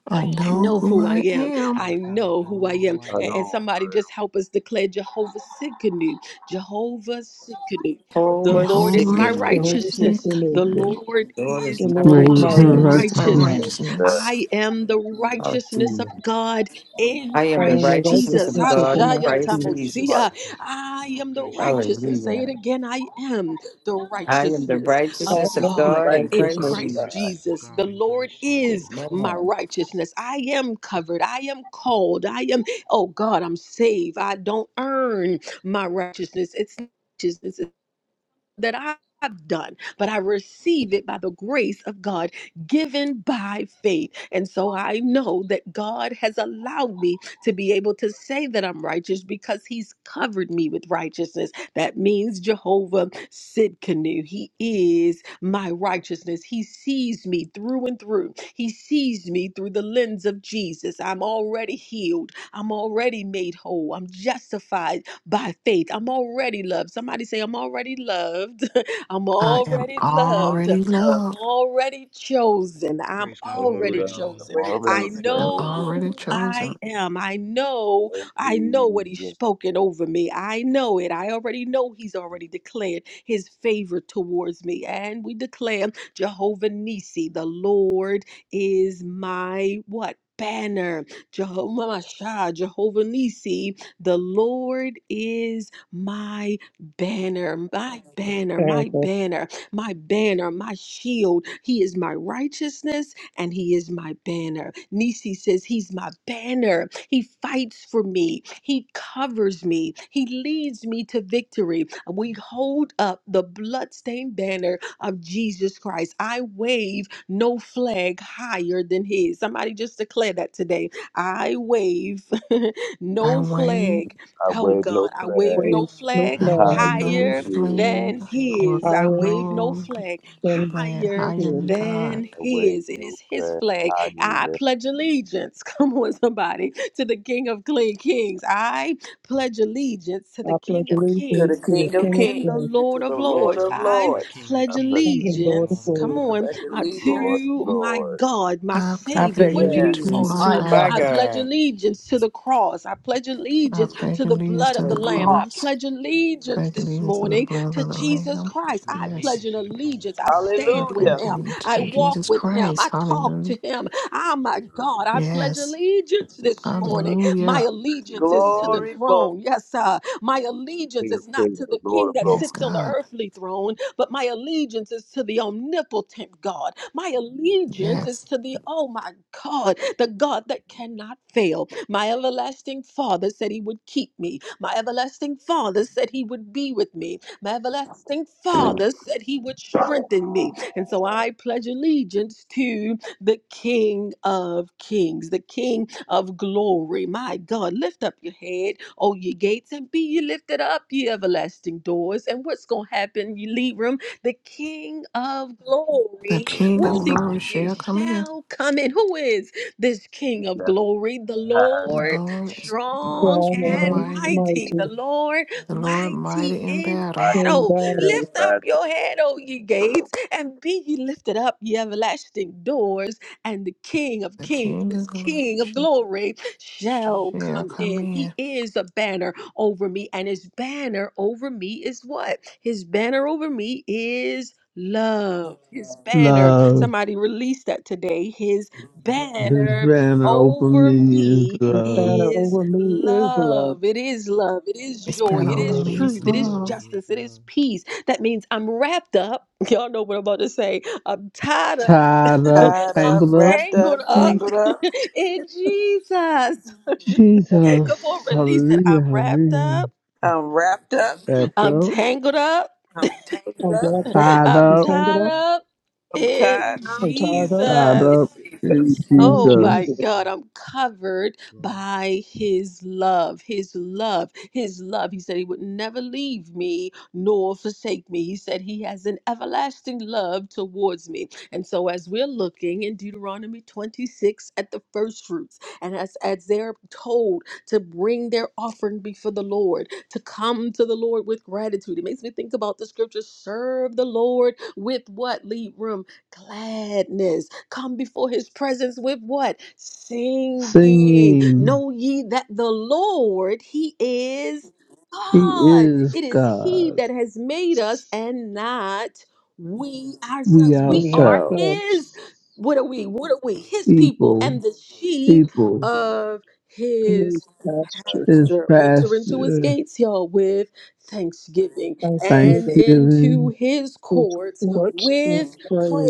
S3: I
S4: I
S3: know
S4: know
S3: who
S4: who I
S3: I
S4: am.
S3: am.
S4: I
S9: Praise God.
S4: know
S9: I
S4: who I
S9: know who
S4: am.
S9: I
S5: I
S4: A-
S9: am.
S4: And,
S5: don't
S4: somebody just help us declare Jehovah Sikkenu. Jehovah Sikkenu. The
S8: Over
S4: Lord is
S9: Jehovah
S3: Jehovah
S4: my
S8: sickening.
S9: Sikkenu.
S1: Jehovah sits
S4: righteousness.
S1: in me.
S4: The
S5: give
S3: Tiskanu.
S5: a
S4: Lord
S8: Lord is
S4: is
S1: The
S8: my
S1: Lord is
S7: Lord
S1: my
S3: The
S4: my
S7: her
S3: Lord
S8: righteousness.
S3: is my
S1: righteousness.
S7: righteousness,
S8: Amen.
S4: righteousness.
S5: that
S3: righteousness.
S4: I am the righteousness of
S8: Hallelujah.
S4: God in
S8: I
S1: I
S8: am the
S1: am the
S4: Christ
S2: by
S8: righteousness
S4: Jesus.
S8: of
S1: righteousness
S2: Righteous
S1: of
S8: God in
S1: God.
S9: I
S4: Hashaya
S9: am
S8: Christ
S9: the
S1: Jesus.
S9: righteousness
S4: Tamosia.
S8: Jesus.
S2: Christ,
S9: of John.
S4: I am the
S9: Christ
S4: righteousness.
S9: Jesus.
S4: Say it
S8: Hallelujah.
S4: again. I am the
S8: I am the
S4: righteousness
S1: I
S4: of
S8: righteousness of
S1: am the
S4: God
S8: God in
S4: in
S2: righteousness
S9: I
S8: Christ
S9: am
S1: righteousness
S2: of
S9: the
S4: Christ
S8: Jesus.
S2: God.
S9: righteousness of
S4: Jesus. The
S9: God in Christ
S4: Lord is
S9: Jesus.
S4: my
S8: Amen.
S4: righteousness. I am covered. I am called. I am, oh God, I'm saved. I don't earn my righteousness. It's righteousness that I've done, but I receive it by the grace of God given by faith. And so I know that God has allowed me to be able to say that I'm righteous because He's covered me with righteousness. That means Jehovah Sidkenu. He is my righteousness. He sees me through and through. He sees me through the lens of Jesus. I'm already healed. I'm already made whole. I'm justified by faith. I'm already loved. Somebody say, I'm already loved. <laughs> I'm
S3: I am
S4: already
S2: I'm
S4: loved.
S3: already
S2: already loved,
S4: I'm
S3: loved.
S4: already chosen. I'm
S9: Praise God. I'm
S5: parade
S4: already
S9: already
S5: of the
S9: loved.
S4: chosen.
S2: already
S4: I
S5: Mormon
S2: chosen
S3: I'm
S5: chose.
S4: know
S5: It's
S3: already
S4: who
S3: chosen.
S4: I am. I know,
S5: so
S4: I know what he's
S5: pleasing.
S4: spoken over me. I know it. I already know he's already declared his favor towards me. And we declare Jehovah Nisi, the Lord is my what? Banner, Jehovah Mashah, Jehovah Nisi, the Lord is my banner, my banner,
S1: and
S4: my
S1: the
S4: banner, my banner, my shield. He is my righteousness and he is my banner. Nisi says, He's my banner. He fights for me. He covers me. He leads me to victory. We hold up the bloodstained banner of Jesus Christ. I wave no flag higher than his. Somebody just declare that today. I wave. <laughs>
S3: I
S4: no
S3: weigh,
S4: flag.
S5: I
S4: Oh
S5: wave no
S4: God, I wave
S5: flag
S1: way
S4: no
S1: no
S4: flag
S9: I
S3: I
S9: know
S1: flag
S3: weigh
S5: higher
S9: wh- I
S3: no
S5: than
S4: higher
S9: wave no
S5: his.
S3: flag,
S4: than
S9: strength.
S3: or
S4: His. I
S3: God,
S1: higher
S9: Hide
S4: wave
S9: in
S4: no
S3: no
S9: me.
S4: flag
S1: than the
S3: flag
S4: higher
S3: higher than
S1: sin.
S3: God.
S4: than
S5: I wave
S4: His. It
S5: no
S4: is His
S5: flag
S4: flag.
S5: higher than
S4: I pledge
S5: his.
S4: allegiance. <laughs> Come on, somebody, to the King of Clean Kings. I pledge allegiance to the
S1: I pledge
S4: King of
S1: allegiance
S2: to
S1: to
S4: Kings
S2: the
S1: the
S2: King of
S1: King of
S4: and the
S2: Kings
S1: Kings
S2: and to
S4: Lord
S2: the
S4: of
S9: I pledge
S2: Lord
S4: Lords.
S2: of
S9: allegiance to
S4: I
S9: the
S2: Lords.
S9: King of
S4: pledge
S5: I
S9: Kings
S1: and
S5: pray
S9: and
S1: the
S9: the
S1: Lord of
S9: Lord
S4: allegiance.
S9: of
S4: Come
S1: Lords,
S2: I
S4: on
S9: Lords.
S2: pledge
S4: uh,
S5: Lord,
S2: allegiance,
S4: to my
S5: Lord.
S4: God, my
S3: I
S8: I
S3: pledge
S4: Savior.
S8: pledge
S4: What do
S3: allegiance
S4: you
S2: yes,
S3: to
S2: to
S4: call
S8: allegiance
S4: them?
S3: my
S2: my
S8: to
S4: I,
S2: God,
S8: my
S4: I
S3: God.
S4: pledge
S8: God.
S4: allegiance to the cross. I pledge
S3: I
S4: allegiance
S3: pledge
S4: to the
S3: allegiance
S4: blood
S3: to
S4: of the
S3: the
S2: to the
S4: Lamb.
S8: Hallelujah.
S4: I
S3: cross.
S2: cross.
S4: pledge
S3: I
S4: allegiance
S3: pledge
S4: this
S3: allegiance to the
S4: morning
S3: blood
S4: to
S3: of the
S4: Jesus
S3: Lamb.
S9: I
S4: Christ.
S9: pledge
S4: I
S3: Yes,
S4: pledge
S9: allegiance
S4: an
S9: to the cross.
S4: allegiance.
S9: I
S4: I
S9: pledge
S3: I
S4: stand
S9: allegiance
S4: with
S2: Hallelujah.
S3: pledge
S4: Him.
S3: allegiance to
S4: I
S9: to
S4: walk
S3: Jesus
S9: God.
S4: with Him.
S3: Christ.
S4: I talk
S3: Hallelujah.
S4: to Him. Ah, my God, I pledge
S3: Yes,
S4: allegiance this morning. My
S3: hallelujah.
S4: allegiance is to the
S2: Glory, glory.
S4: throne. Yes, sir. My allegiance
S5: King of
S4: is not
S5: kings,
S4: to
S5: the
S4: the
S5: Lord
S4: King
S5: of
S4: that
S5: lords.
S3: Yes,
S4: sits on the
S3: God.
S4: earthly throne but my allegiance is to the omnipotent God. My allegiance is
S3: Yes.
S4: to the, oh my God, the God that cannot fail. My everlasting Father said he would keep me. My everlasting Father said he would be with me. My everlasting Father said he would strengthen me. And so I pledge allegiance to the King of Kings, the King of Glory. My God, lift up your head, O ye gates, and be ye lifted up, ye everlasting doors. And what's going to happen, ye leave room? The King of
S3: The
S4: Glory,
S5: Who
S3: King
S4: what
S3: of
S4: is
S5: has
S4: he
S3: glory
S4: going to do?
S3: shall come again.
S4: Shall come in. Who is this King of Glory? The
S5: had
S3: The
S4: Lord,
S3: Lord is
S4: strong
S3: much
S1: strong
S3: and
S4: and
S1: and
S3: mighty.
S4: mighty. The
S1: mighty
S4: Lord,
S3: The Lord
S4: mighty
S3: mighty in
S4: in
S3: battle.
S1: in
S5: mighty
S4: battle.
S5: in
S1: battle.
S4: Lift up your
S5: battle.
S4: head, O ye
S5: Lord,
S4: gates and be ye lifted up, ye everlasting doors, and the King of
S3: The
S4: kings,
S3: King of
S4: this
S3: glory
S4: King of
S3: shall
S4: glory, shall
S3: shall
S4: come
S3: come
S4: in. He
S3: in.
S4: is a banner over me, and his banner over me is what? His banner over me is love. His banner.
S7: love.
S4: Somebody released that today. His
S7: His
S4: banner
S7: banner over
S4: over
S7: me is
S4: me
S1: His
S7: love,
S1: banner
S4: is
S1: over me is love.
S4: love. It is love. It is
S3: His
S9: His
S4: joy.
S3: banner
S4: It
S3: over
S4: is
S9: banner
S3: me
S7: love,
S3: is
S9: over
S4: truth. It is
S9: me
S3: love.
S7: love.
S9: is
S4: justice. It is
S9: love.
S4: peace. That means I'm wrapped up. <laughs> Y'all know what I'm about to say. I'm tied up.
S7: Tied
S4: <laughs>
S7: up,
S2: Tied
S4: I'm
S2: up,
S7: tangled up.
S2: wrapped up,
S4: tangled up
S7: Jesus,
S2: tangled up.
S4: <laughs> in Jesus. <laughs> Come on,
S7: Jesus,
S4: release it. I'm
S7: hallelujah,
S4: wrapped
S7: hallelujah.
S4: up.
S2: I'm wrapped up.
S7: Wrapped
S4: I'm
S7: up,
S4: tangled up.
S2: I'm tangled
S1: I'm
S9: I'm
S2: up.
S1: wrapped
S9: wrapped
S1: up
S9: up.
S7: tied
S4: I'm
S9: I'm
S1: and
S7: up,
S4: tied
S1: tangled up
S9: tangled up.
S4: up
S2: I'm
S9: I'm
S2: tied
S4: in
S2: up
S1: and
S9: tied up
S1: tied up
S7: tied
S2: in
S7: up
S4: Jesus.
S7: in
S2: Jesus.
S1: in
S4: Oh
S9: in
S4: my
S1: Jesus.
S7: Jesus.
S9: Jesus.
S4: God, I'm covered
S9: Glory.
S4: by his love, his love, his love. He said he would never leave me nor forsake me. He said he has an everlasting love towards me. And so, as we're looking in Deuteronomy 26 at the first fruits, and as, as they're told to bring their offering before the Lord, to come to the Lord with gratitude, it makes me think about the scripture serve the Lord with what? Leave room, gladness come before his presence with what? Singing.
S7: Singing,
S4: Know ye that the Lord, he is
S7: He
S4: God.
S7: is
S4: It is he
S7: God.
S4: that has made us and not we
S7: We
S4: ourselves. We
S1: We
S4: are
S7: ourselves,
S1: ourselves
S4: his. What are we? What are we? His people and
S7: people,
S4: the sheep
S7: people,
S4: of his
S1: his pasture.
S7: His
S4: pasture. Enter into his
S7: pasture,
S4: gates, y'all, with thanksgiving and
S1: Thanksgiving
S4: into
S7: thanksgiving,
S4: his
S1: is
S4: courts
S1: works with
S4: with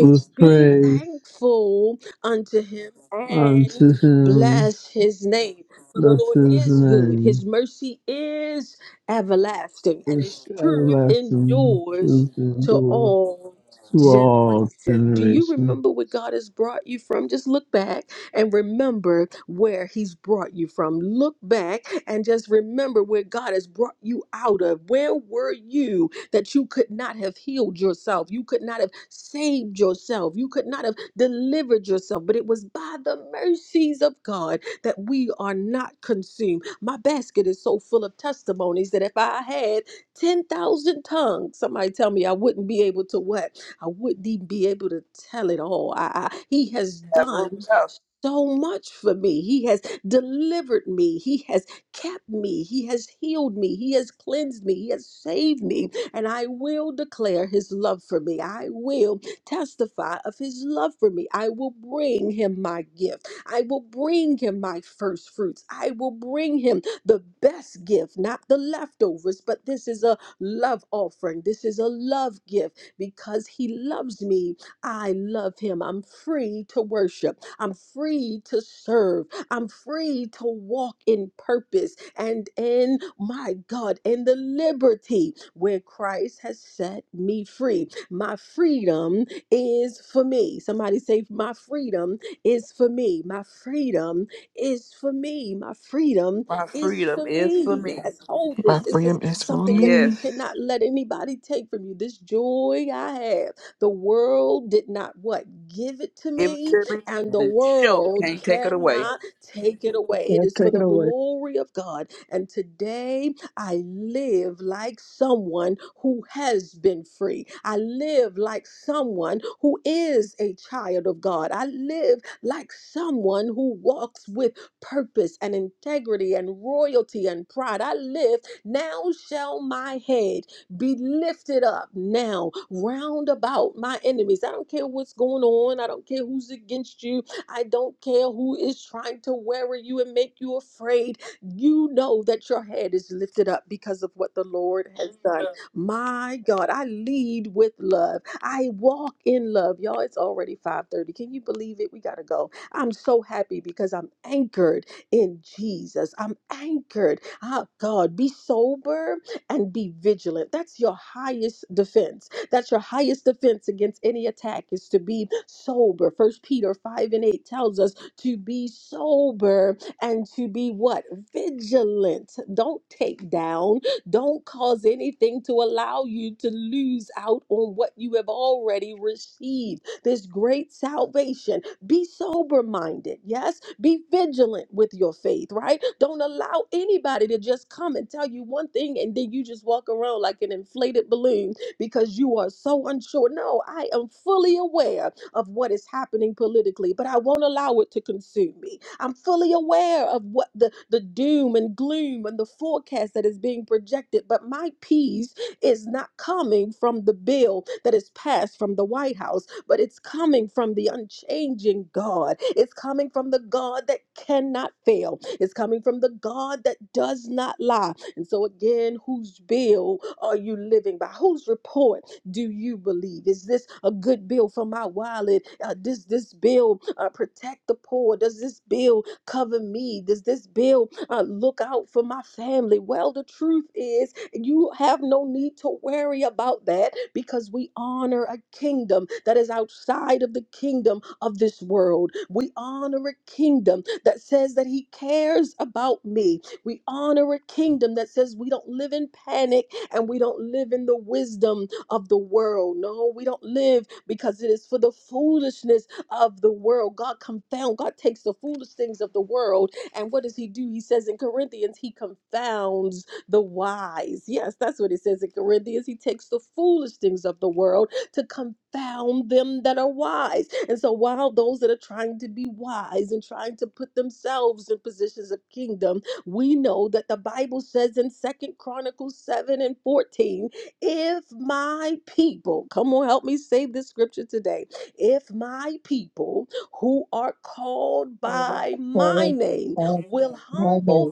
S7: with
S4: be
S7: praise.
S4: thankful unto him and
S7: unto him
S4: bless his name. For the
S7: bless
S4: Lord
S7: his
S4: is good, his
S7: name,
S4: mercy is everlasting, and
S7: which
S4: his truth
S7: everlasting
S4: endures
S7: truth
S4: to
S7: endure
S4: all
S7: to all
S4: generation. Do you
S7: generation.
S4: remember where God has brought you from? Just look back and remember where He's brought you from. Look back and just remember where God has brought you out of. Where were you that you could not have healed yourself. You could not have saved yourself. You could not have delivered yourself. But it was by the mercies of God that we are not consumed. My basket is so full of testimonies that if I had 10,000 tongues, somebody tell me I wouldn't be able to what? I wouldn't even be able to tell it all. I, I, he has
S2: Have room
S4: done
S2: enough.
S4: so much for me. He has delivered me. He has kept me. He has healed me. He has cleansed me. He has saved me and I will declare his love for me. I will testify of his love for me. I will bring him my gift. I will bring him my first fruits. I will bring him the best gift, not the leftovers, but this is a love offering. This is a love gift because he loves me. I love him. I'm free to worship. I'm free to serve. I'm free to walk in purpose and in my God, in the liberty where Christ has set me free. My freedom is for me. Somebody say, My freedom is for me. My freedom is for me. My freedom
S2: My
S4: is
S2: freedom
S4: for
S2: is for
S4: me.
S2: me.
S4: Yes, hold
S3: My
S4: this. This
S3: freedom
S4: is
S3: is for
S4: something that you
S3: me.
S2: Yes.
S4: cannot let anybody take from you. This joy I have. The world did not what? Give it to
S2: Give it
S4: me,
S2: to me
S4: and
S2: and
S4: the
S2: it sure
S4: world
S2: can't take it away.
S4: cannot take it away. It
S1: And
S4: is for
S1: take it
S4: the
S1: away.
S4: glory of God and today I live like someone who has been free. I live like someone who is a child of God. I live like someone who walks with purpose and integrity and royalty and pride. I live, now shall my head be lifted up now, round about my enemies. I don't care what's going on. I don't care who's against you. I don't care who is trying to worry you and make you afraid you know that your head is lifted up because of what the Lord has done. My God, I lead with love. I walk in love. Y'all, it's already 5:30. Can you believe it? We got to go. I'm so happy because I'm anchored in Jesus. I'm anchored. Ah, God, be sober and be vigilant. That's your highest defense. That's your highest defense against any attack is to be sober. First Peter 5 and 8 tells us to be sober and to be what? Vigilant. Don't take down. Don't cause anything to allow you to lose out on what you have already received. This great salvation. Be sober minded. Yes. Be vigilant with your faith, right? Don't allow anybody to just come and tell you one thing and then you just walk around like an inflated balloon because you are so unsure. No, I am fully aware of what is happening politically, but I won't allow it to consume me. I'm fully aware of what the, the doom and gloom and the forecast that is being projected, but my peace is not coming from the bill that is passed from the White House, but it's coming from the unchanging God. It's coming from the God that cannot fail. It's coming from the God that does not lie. And so, again, whose bill are you living by? Whose report? do you believe? Is this a good bill for my wallet? Uh, does this bill uh, protect the poor? Does this bill cover me? Does this bill uh, look out for my family? Well, the truth is, you have no need to worry about that because we honor a kingdom that is outside of the kingdom of this world. We honor a kingdom that says that he cares about me. We honor a kingdom that says we don't live in panic and we don't live in the wisdom of the world. No, we don't live because it is for the foolishness of the world. God confound, God takes the foolish things of the world. And what does he do? He says in Corinthians, he confounds the wise. Yes, that's what it says in Corinthians. He takes the foolish things of the world to confound them that are wise. And so while those that are trying to be wise and trying to put themselves in positions of kingdom, we know that the Bible says in Second Chronicles 7 and 14 if my people, come on, help me say this scripture today. If my people who are called by my
S1: All
S4: name
S1: of
S4: will
S1: my
S4: humble
S1: name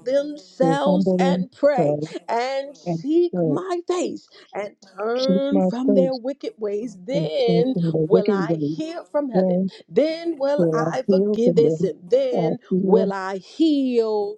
S1: will
S4: themselves
S1: humble
S4: and pray
S1: themselves
S4: and
S1: and
S4: seek
S1: pray.
S4: my face and
S1: Seek
S4: turn
S1: my
S4: from their
S1: face
S4: wicked ways,
S1: and take
S4: then
S1: in the
S4: will
S1: wicked
S4: I
S1: way.
S4: hear from heaven.
S1: Then
S4: Then will
S1: will
S4: I
S1: I heal
S4: forgive
S1: from
S4: their
S1: them.
S4: sin.
S1: I
S4: Then
S1: heal,
S4: will I heal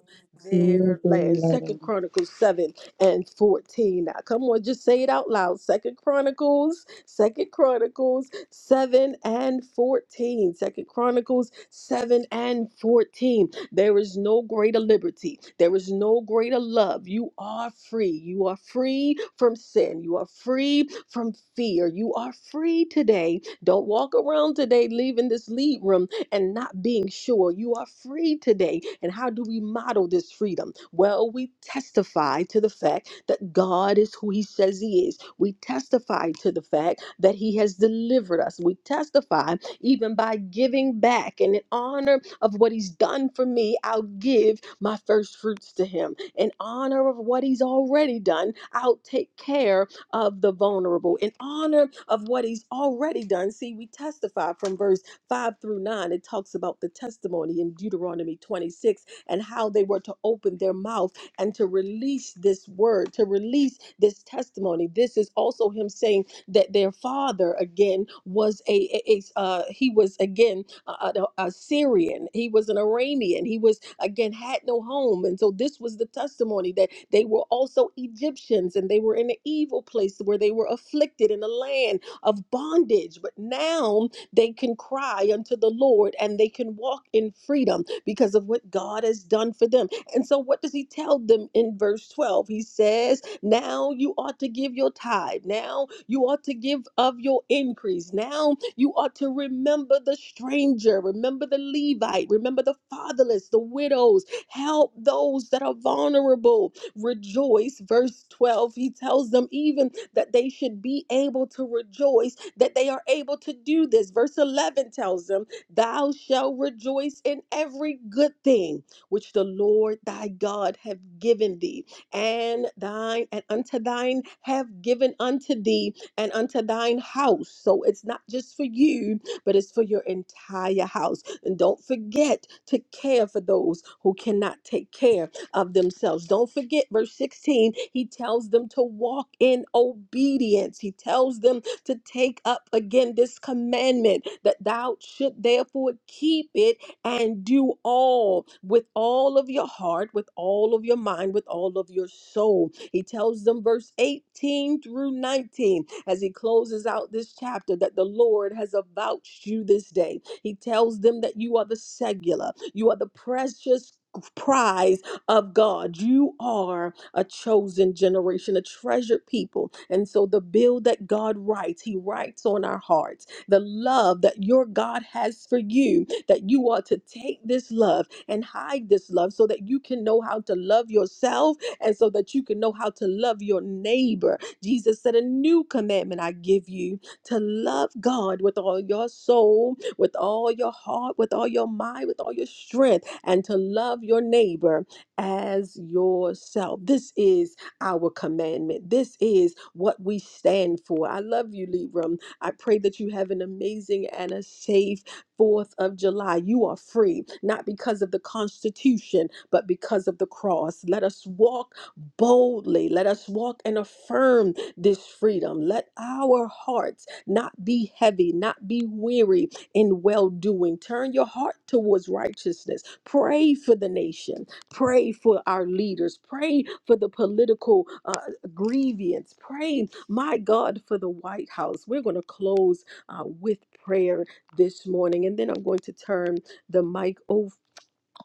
S1: heal
S4: their land.
S1: their
S4: Second
S1: land.
S4: Chronicles 7 and 14. Now come on, just say it out loud. Second Chronicles, Second Chronicles 7 and 14. Second Chronicles 7 and 14. There is no greater liberty. There is no greater love. You are free. You are free from sin. You are free from fear. You are free today. Don't walk around today leaving this lead room and not being sure. You are free today. And how do we model this freedom? Well, we testify to the fact that God is who He says He is. We testify to the fact that He has delivered us. We testify even by giving back. And in honor of what He's done for me, I'll give my first fruits to Him. In honor of what He's already done, I'll take care of the vulnerable. In honor of what He's already done, see, we testify from verse 5 through 9, it talks about the testimony in Deuteronomy 26 and how they were to open their mouth and to release this word, to release this testimony. This is also him saying that their father again was a, a- a- uh, he was again a, a, a Syrian, he was an Aramean, he was again had no home, and so this was the testimony that they were also Egyptians and they were in an evil place where they were afflicted in a land of bondage, but now they can cry unto the Lord and they can walk in freedom because of what God has done for them. And so, what does he tell them in verse 12? He says, Now you ought to give your tithe. Now you ought to give of your increase. Now you ought to remember the stranger, remember the Levite, remember the fatherless, the widows, help those that are vulnerable rejoice. Verse 12, he tells them even that they should be able to rejoice, that they are able to do this. Verse 11 tells them, Thou shalt rejoice in every good thing which the Lord thy God have given thee, and thine and unto thine have given unto thee, and unto thine house. So it's not just for you, but it's for your entire house. And don't forget to care for those who cannot take care of themselves. Don't forget, verse 16, he tells them to walk in obedience. He tells them to take up again this commandment that thou should therefore keep it and do all with all of your heart, with all of your mind, with all of your soul. He tells them, verse 18 through 19, as he closes out this chapter, that the Lord has avouched you this day. He tells them that you are the singular, you are the precious. prize of God. You are a chosen generation, a treasured people. And so the bill that God writes, He writes on our hearts. The love that your God has for you, that you are to take this love and hide this love so that you can know how to love yourself and so that you can know how to love your neighbor. Jesus said, A new commandment I give you to love God with all your soul, with all your heart, with all your mind, with all your strength, and to love your neighbor as yourself. This is our commandment. This is what we stand for. I love you, Libram. I pray that you have an amazing and a safe 4th of July. You are free, not because of the Constitution, but because of the cross. Let us walk boldly. Let us walk and affirm this freedom. Let our hearts not be heavy, not be weary in well doing. Turn your heart towards righteousness. Pray for the nation. Pray for our leaders. Pray for the political uh, grievance. Pray, my God, for the White House. We're going to close uh, with prayer this morning, and then I'm going to turn the mic over.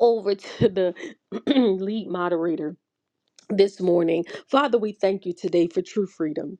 S4: Over to the <clears throat> lead moderator this morning. Father, we thank you today for true freedom.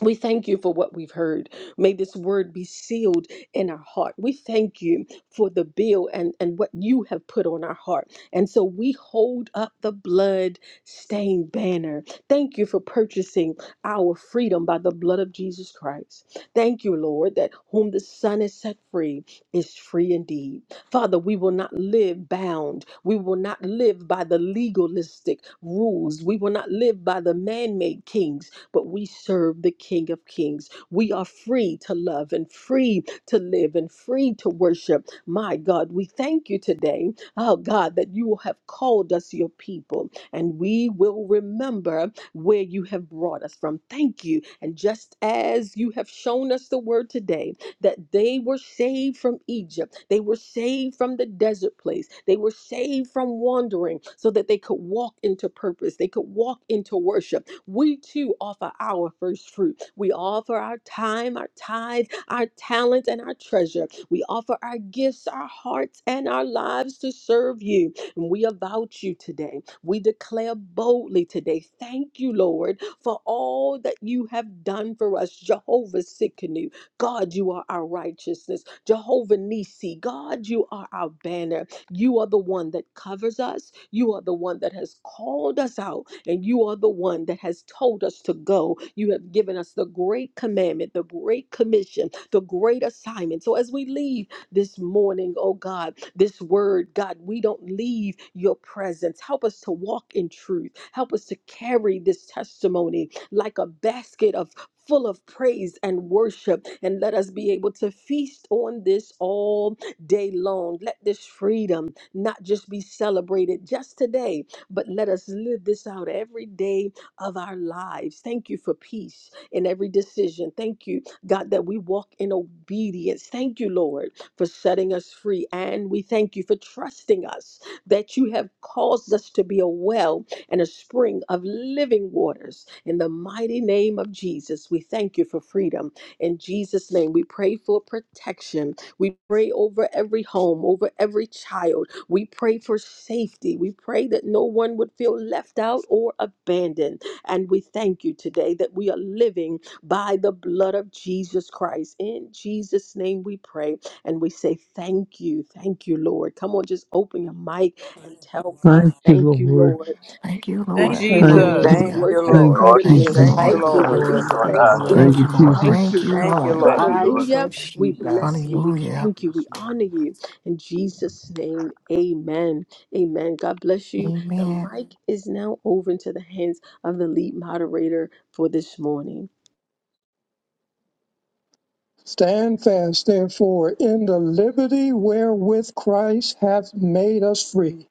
S4: We thank you for what we've heard. May this word be sealed in our heart. We thank you for the bill and, and what you have put on our heart. And so we hold up the blood stained banner. Thank you for purchasing our freedom by the blood of Jesus Christ. Thank you, Lord, that whom the Son is set free is free indeed. Father, we will not live bound. We will not live by the legalistic rules. We will not live by the man made kings but we serve the King of Kings. We are free to love and free to live and free to worship. My God, we thank you today, oh God, that you have called us your people, and we will remember where you have brought us from. Thank you. And just as you have shown us the word today, that they were saved from Egypt. They were saved from the desert place. They were saved from wandering so that they could walk into purpose. They could walk into worship we too offer our first fruit. We offer our time, our tithe, our talent, and our treasure. We offer our gifts, our hearts, and our lives to serve you. And we avouch you today. We declare boldly today, thank you, Lord, for all that you have done for us. Jehovah Sikkenu, God, you are our righteousness. Jehovah Nisi, God, you are our banner. You are the one that covers us. You are the one that has called us out and you are the one that has told us to go. You have given us the great commandment, the great commission, the great assignment. So as we leave this morning, oh God, this word, God, we don't leave your presence. Help us to walk in truth. Help us to carry this testimony like a basket of full of praise and worship and let us be able to feast on this all day long let this freedom not just be celebrated just today but let us live this out every day of our lives. Thank you for peace in every decision. Thank you, God, that we walk in obedience. Thank you, Lord, for setting us free. And we thank you for trusting us that you have caused us to be a well and a spring of living waters. In the mighty name of Jesus, we thank you for freedom. In Jesus' name, we pray for protection. We pray over every home, over every child we pray for safety. We pray that no one would feel left out or abandoned. And we thank you today that we are living by the blood of Jesus Christ. In Jesus' name we pray and we say, Thank you. Thank you, Lord. Come on, just open your mic and tell God,
S7: Thank you,
S4: Thank you,
S7: Lord.
S4: Lord.
S3: Thank
S4: Thank
S3: you,
S4: you.
S11: Thank
S3: Lord.
S4: Come
S11: you,
S1: Thank
S4: on,
S1: you,
S7: Thank,
S11: Lord.
S2: Jesus.
S1: Lord.
S4: release a
S2: Thank
S3: Hallelujah.
S2: you,
S4: worship.
S7: thank
S2: Lord.
S7: you,
S1: Thank you,
S5: Lord,
S1: Lord.
S3: Thank you,
S4: Release a
S2: Thank
S9: Praise
S8: Thank
S2: you,
S11: Thank
S3: Lord.
S7: Jesus.
S9: God.
S4: thank
S8: you,
S11: you,
S10: you,
S4: you.
S2: Lord.
S11: Lord.
S8: Lord.
S9: Thank you,
S10: Lord.
S4: Release a
S8: Thank you,
S10: Thank
S9: Lord.
S10: you,
S5: I
S8: Lord.
S10: Lord.
S9: Thank
S7: Thank
S3: Thank
S4: thanksgiving.
S9: you,
S3: you,
S7: you,
S3: Lord.
S9: Jesus.
S4: Thank
S3: Thank
S4: you,
S7: Jesus.
S3: you,
S2: Thank
S4: God.
S2: you,
S3: Lord.
S9: Hallelujah.
S2: Lord.
S5: thank you,
S8: I
S5: Lord.
S4: Hallelujah.
S9: Glory.
S8: trust
S4: We
S8: you, God.
S4: bless you. We
S3: Hallelujah.
S4: thank you. We
S9: Yes, Lord.
S4: honor you. In Jesus' name, amen. Amen. God bless you. The
S3: Amen.
S4: mic is now over into the hands of the lead moderator for this morning.
S1: Stand fast, therefore, in the liberty wherewith Christ hath made us free,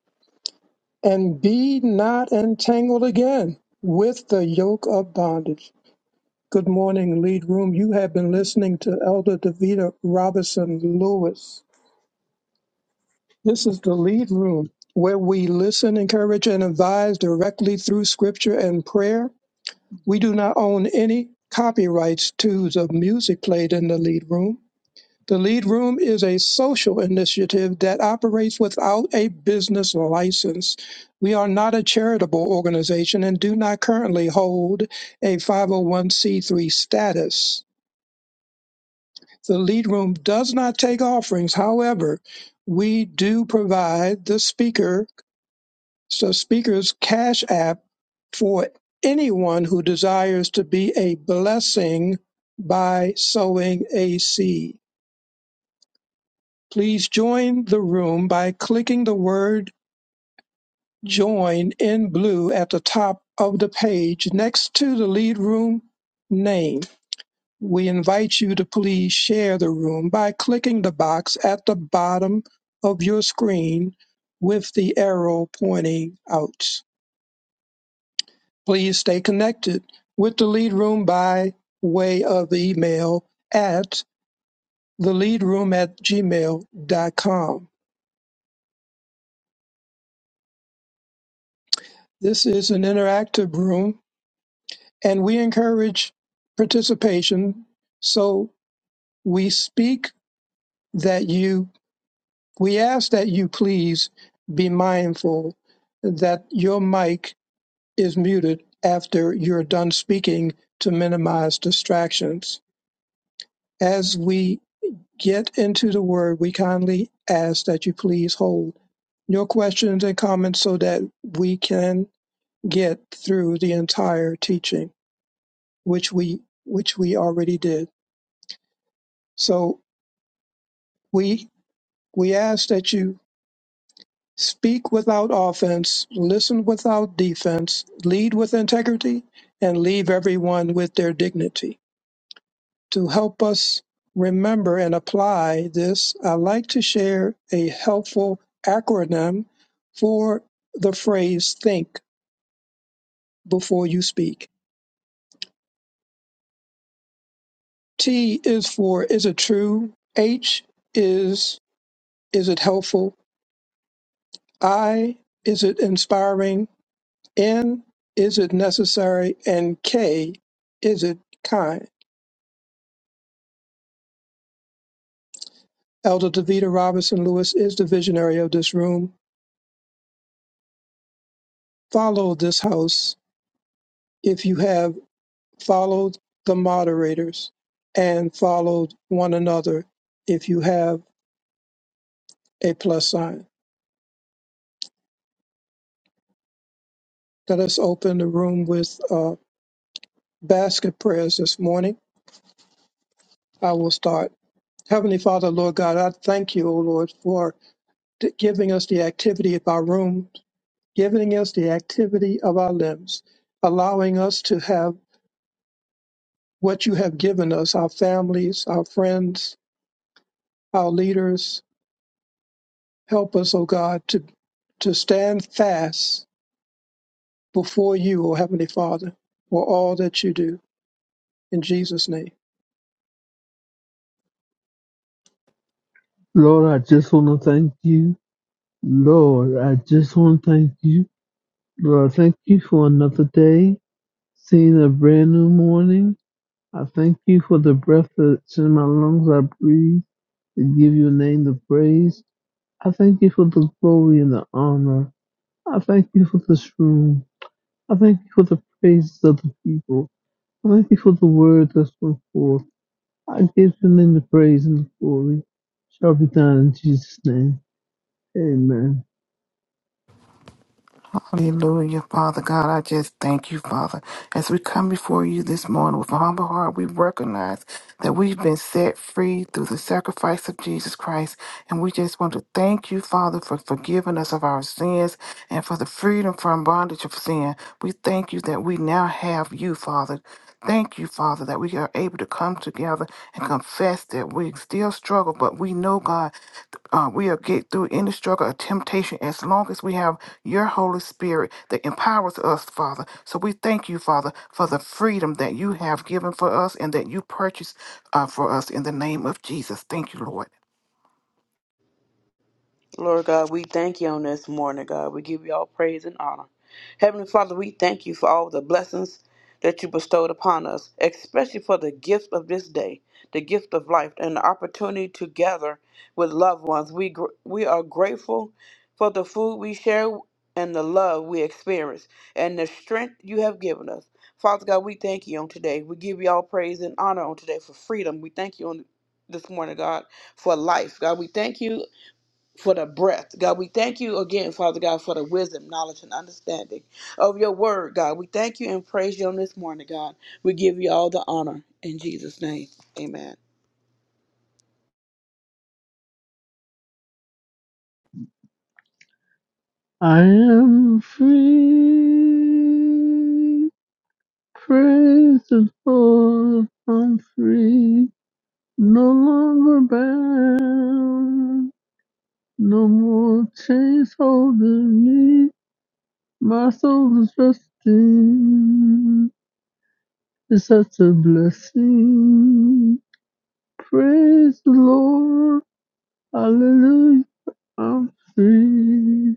S1: and be not entangled again with the yoke of bondage. Good morning, lead room. You have been listening to Elder Davita Robinson Lewis. This is the lead room where we listen, encourage, and advise directly through scripture and prayer. We do not own any copyrights to the music played in the lead room. The Lead Room is a social initiative that operates without a business license. We are not a charitable organization and do not currently hold a 501c3 status. The Lead Room does not take offerings. However, we do provide the speaker, so speaker's cash app for anyone who desires to be a blessing by sowing a seed. Please join the room by clicking the word join in blue at the top of the page next to the lead room name. We invite you to please share the room by clicking the box at the bottom of your screen with the arrow pointing out. Please stay connected with the lead room by way of email at theleadroom at gmail.com. This is an interactive room and we encourage participation. So we speak that you, we ask that you please be mindful that your mic is muted after you're done speaking to minimize distractions. As we get into the word, we kindly ask that you please hold your questions and comments so that we can get through the entire teaching, which we which we already did. So we We ask that you speak without offense, listen without defense, lead with integrity, and leave everyone with their dignity. To help us remember and apply this, I like to share a helpful acronym for the phrase think before you speak. T is for is it true? H is is it helpful? I is it inspiring? N, is it necessary? And K, is it kind? Elder Davita Robinson Lewis is the visionary of this room. Follow this house if you have followed the moderators and followed one another if you have a plus sign. Let us open the room with uh, basket prayers this morning. I will start. Heavenly Father, Lord God, I thank you, O Lord, for t- giving us the activity of our room giving us the activity of our limbs, allowing us to have what you have given us, our families, our friends, our leaders. Help us, O God, to, to stand fast before you, O Heavenly Father, for all that you do. In Jesus' name.
S7: Lord, I just want to thank you. Lord, I just want to thank you. Lord, I thank you for another day, seeing a brand new morning. I thank you for the breath that's in my lungs I breathe. to give your name the praise. I thank you for the glory and the honor. I thank you for this room. I thank you for the praises of the people. I thank you for the word that's gone forth. I give your name the praise and the glory. Shall be done in Jesus' name. Amen.
S3: Hallelujah. Father God, I just thank you, Father. As we come before you this morning with a humble heart, we recognize that we've been set free through the sacrifice of Jesus Christ. And we just want to thank you, Father, for forgiving us of our sins and for the freedom from bondage of sin. We thank you that we now have you, Father. Thank you, Father, that we are able to come together and confess that we still struggle, but we know, God, uh, we'll get through any struggle or temptation as long as we have your Holy Spirit that empowers us, Father. So we thank you, Father, for the freedom that you have given for us and that you purchased uh, for us in the name of Jesus. Thank you, Lord.
S2: Lord God, we thank you on this morning, God. We give you all praise and honor. Heavenly Father, we thank you for all the blessings that you bestowed upon us, especially for the gift of this day, the gift of life, and the opportunity to gather with loved ones. We, gr- we are grateful for the food we share and the love we experience and the strength you have given us. Father God, we thank you on today. We give you all praise and honor on today for freedom. We thank you on this morning, God, for life. God, we thank you for the breath. God, we thank you again, Father God, for the wisdom, knowledge, and understanding of your word, God. We thank you and praise you on this morning, God. We give you all the honor in Jesus' name. Amen.
S7: I am free. Praise the Lord. I'm free. No longer bound. No more chains holding me. My soul is resting. It's such a blessing. Praise the Lord. Hallelujah. I'm free.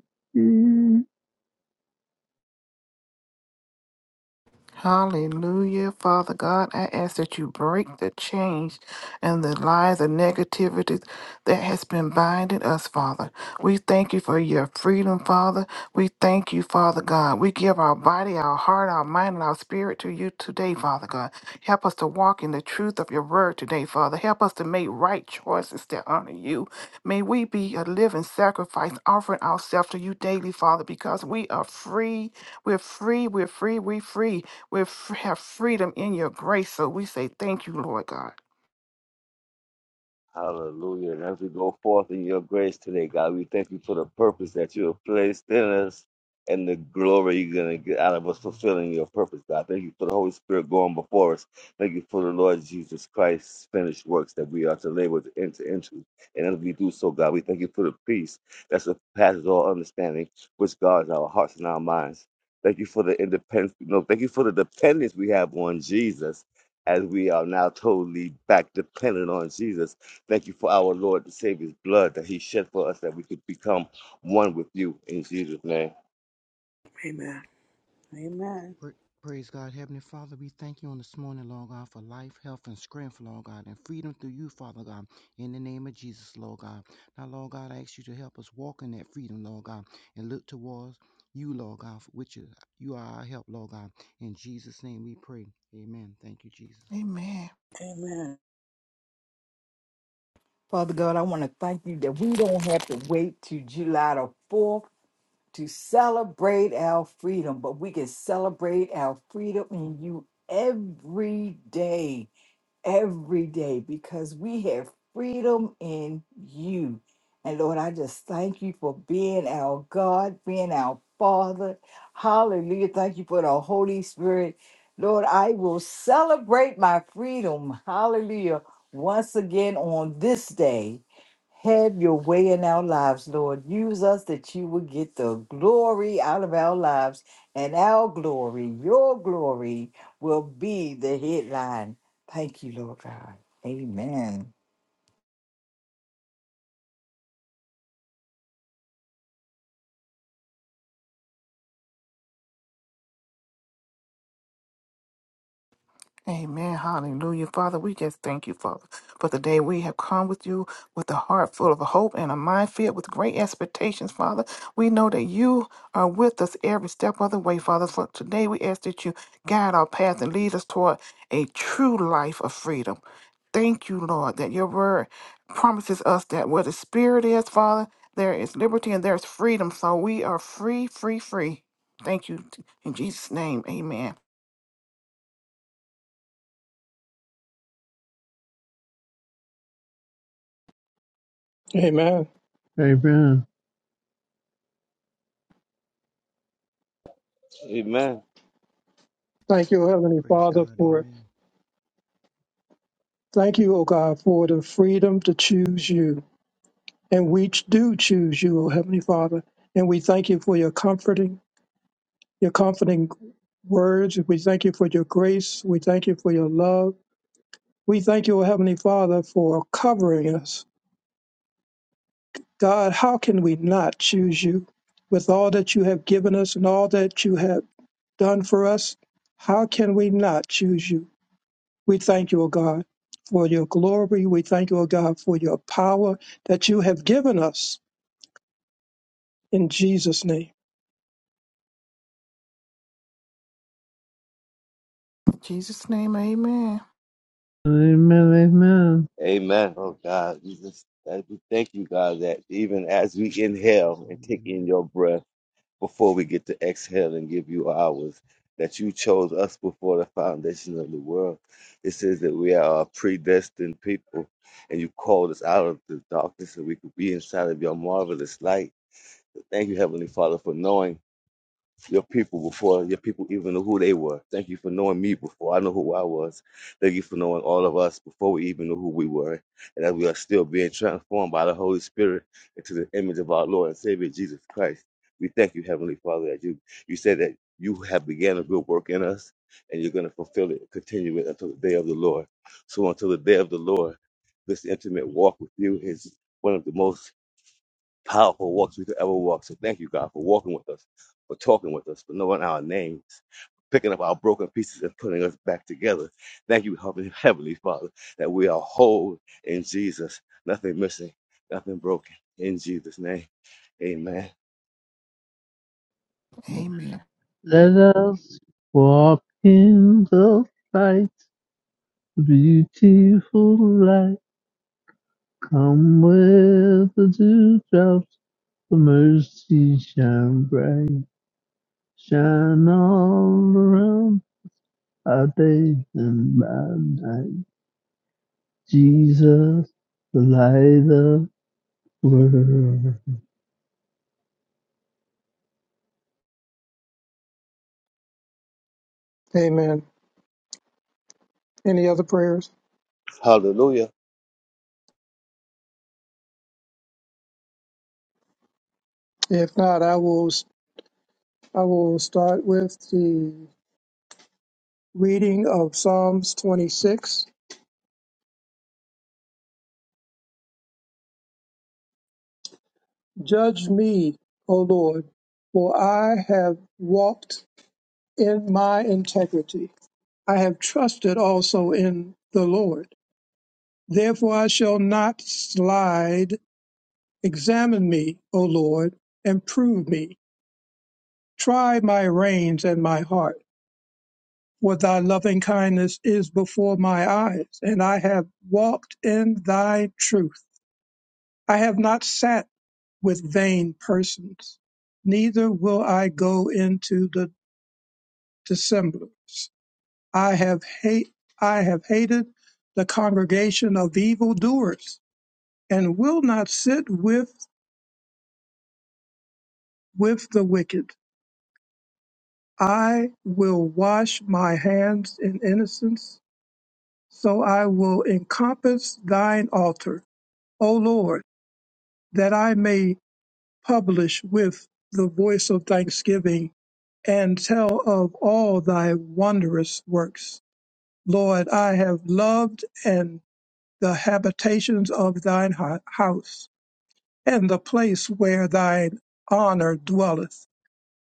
S3: Hallelujah. Father God, I ask that you break the chains and the lies and negativity that has been binding us, Father. We thank you for your freedom, Father. We thank you, Father God. We give our body, our heart, our mind, and our spirit to you today, Father God. Help us to walk in the truth of your word today, Father. Help us to make right choices that honor you. May we be a living sacrifice, offering ourselves to you daily, Father, because we are free. We're free. We're free. We're free. We have freedom in your grace. So we say thank you, Lord God.
S5: Hallelujah. And as we go forth in your grace today, God, we thank you for the purpose that you have placed in us and the glory you're going to get out of us fulfilling your purpose, God. Thank you for the Holy Spirit going before us. Thank you for the Lord Jesus Christ's finished works that we are to labor to enter into. And as we do so, God, we thank you for the peace that surpasses all understanding, which guards our hearts and our minds. Thank you for the independence. No, thank you for the dependence we have on Jesus as we are now totally back dependent on Jesus Thank you for our Lord to save his blood that he shed for us that we could become one with you in Jesus' name.
S2: Amen. Amen.
S9: Praise God, Heavenly Father, we thank you on this morning, Lord God, for life, health, and strength, Lord God, and freedom through you, Father God, in the name of Jesus, Lord God. Now, Lord God, I ask you to help us walk in that freedom, Lord God, and look towards you, Lord God, for which you are our help, Lord God. In Jesus' name we pray. Amen. Thank you, Jesus.
S3: Amen.
S2: Amen.
S8: Father God, I want to thank you that we don't have to wait to July the 4th to celebrate our freedom, but we can celebrate our freedom in you every day. every day because we have freedom in you. And Lord, I just thank you for being our God, being our Father. Hallelujah. Thank you for the Holy Spirit. Lord, I will celebrate my freedom. Hallelujah. Once again on this day. Have your way in our lives, Lord. Use us that you will get the glory out of our lives. And our glory, your glory, will be the headline. Thank you, Lord God. Amen.
S3: Amen. Hallelujah. Father, we just thank you, Father, for the day we have come with you with a heart full of hope and a mind filled with great expectations, Father. We know that you are with us every step of the way, Father. So today we ask that you guide our path and lead us toward a true life of freedom. Thank you, Lord, that your word promises us that where the Spirit is, Father, there is liberty and there's freedom. So we are free, free, free. Thank you. In Jesus' name, amen.
S1: Amen.
S7: Amen. Amen.
S5: Amen.
S1: Thank you, O Heavenly
S9: Praise
S1: Father,
S9: God.
S1: for
S9: Amen.
S1: thank you, O God, for the freedom to choose you. And we do choose you, O Heavenly Father. And we thank you for your comforting, your comforting words. We thank you for your grace. We thank you for your love. We thank you, O Heavenly Father, for covering us. God, how can we not choose you with all that you have given us and all that you have done for us? How can we not choose you? We thank you, O God, for your glory. We thank you, O God, for your power that you have given us in Jesus' name.
S3: In Jesus' name, amen.
S7: Amen.
S5: Amen. Oh God, we just thank you, thank you, God, that even as we
S9: Praise God in Jesus'
S5: inhale and
S9: name.
S5: take in
S9: Amen.
S5: your breath before we get to exhale and give you ours, that you chose us before the foundation of the world. It says that we are a predestined people and you called us out of the darkness so we could be inside of your marvelous light. Thank you, Heavenly Father, for knowing. your people before your people even knew who they were. Thank you for knowing me before I knew who I was. Thank you for knowing all of us before we even knew who we were. And that we are still being transformed by the Holy Spirit into the image of our Lord and Savior Jesus Christ. We thank you, Heavenly Father, that you you said that you have began a good work in us and you're going to fulfill it, continue it until the day of the Lord. So until the day of the Lord, this intimate walk with you is one of the most powerful walks we could ever walk. So thank you, God, for walking with us, for talking with us, for knowing our names, picking up our broken pieces and putting us back together. Thank you, Heavenly <laughs> Heavenly Father, that we are whole in Jesus. Nothing missing, nothing broken. In Jesus' name, amen.
S3: Amen.
S7: Let us walk in the light. Beautiful light. Come where the dewdrops of mercy shine bright. Shine all around I bathe in my night, Jesus, the light of the world.
S1: Amen. Any other prayers?
S5: Hallelujah.
S1: If not, I will I will start with the Reading of Psalms 26. Judge me, O Lord, for I have walked in my integrity. I have trusted also in the Lord. Therefore I shall not slide. Examine me, O Lord, and prove me. Try my reins and my heart, for thy loving kindness is before my eyes, and I have walked in thy truth. I have not sat with vain persons. Neither will I go into the dissemblers. I have hate I have hated the congregation of evildoers, and will not sit with with the wicked. I will wash my hands in innocence, so I will encompass thine altar, O Lord, that I may publish with the voice of thanksgiving and tell of all thy wondrous works. Lord, I have loved and the habitations of thine hou- house, and the place where thine honor dwelleth.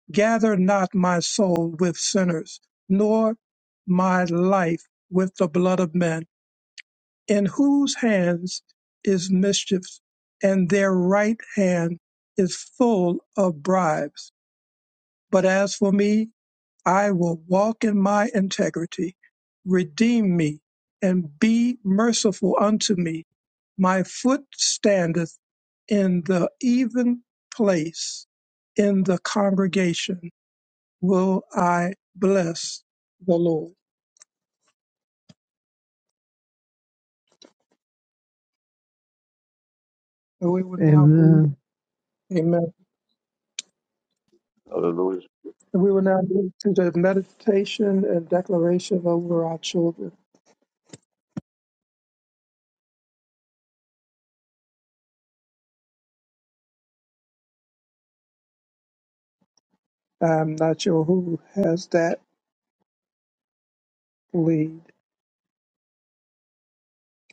S1: Gather not my soul with sinners, nor my life with the blood of men, in whose hands is mischief, and their right hand is full of bribes. But as for me, I will walk in my integrity. Redeem me and be merciful unto me. My foot standeth in the even place. In the congregation will I bless the Lord. And we will now move,
S7: Amen.
S1: amen.
S5: Hallelujah.
S1: And we will now move to the meditation and declaration over our children. I'm not sure who has that lead.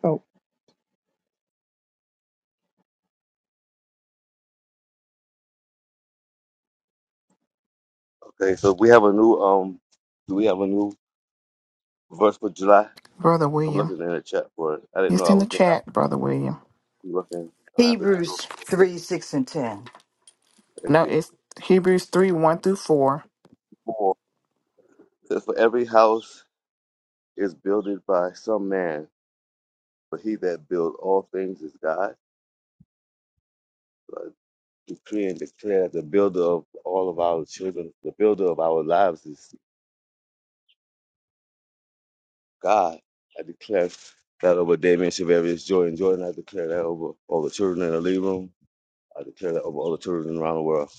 S1: Oh.
S5: Okay, so we have a new, um, do we have a new verse for July?
S3: Brother
S5: I'm
S3: William.
S5: looking in the chat for it. I didn't
S3: It's
S5: know I
S3: in the
S5: was looking. i have
S3: chat, Brother William.
S5: to look in. I have to scroll.
S8: Hebrews 3, 6, and 10.
S5: Thank
S3: No,
S5: you.
S3: it's Hebrews 3 1 through 4.
S5: Four. It says, for every house is builded by some man, but he that built all things is God. So I decree and declare the builder of all of our children, the builder of our lives is God. I declare that over Damien Shavarius Joy and Jordan. I declare that over all the children in the living room. I declare that over all the children around the world.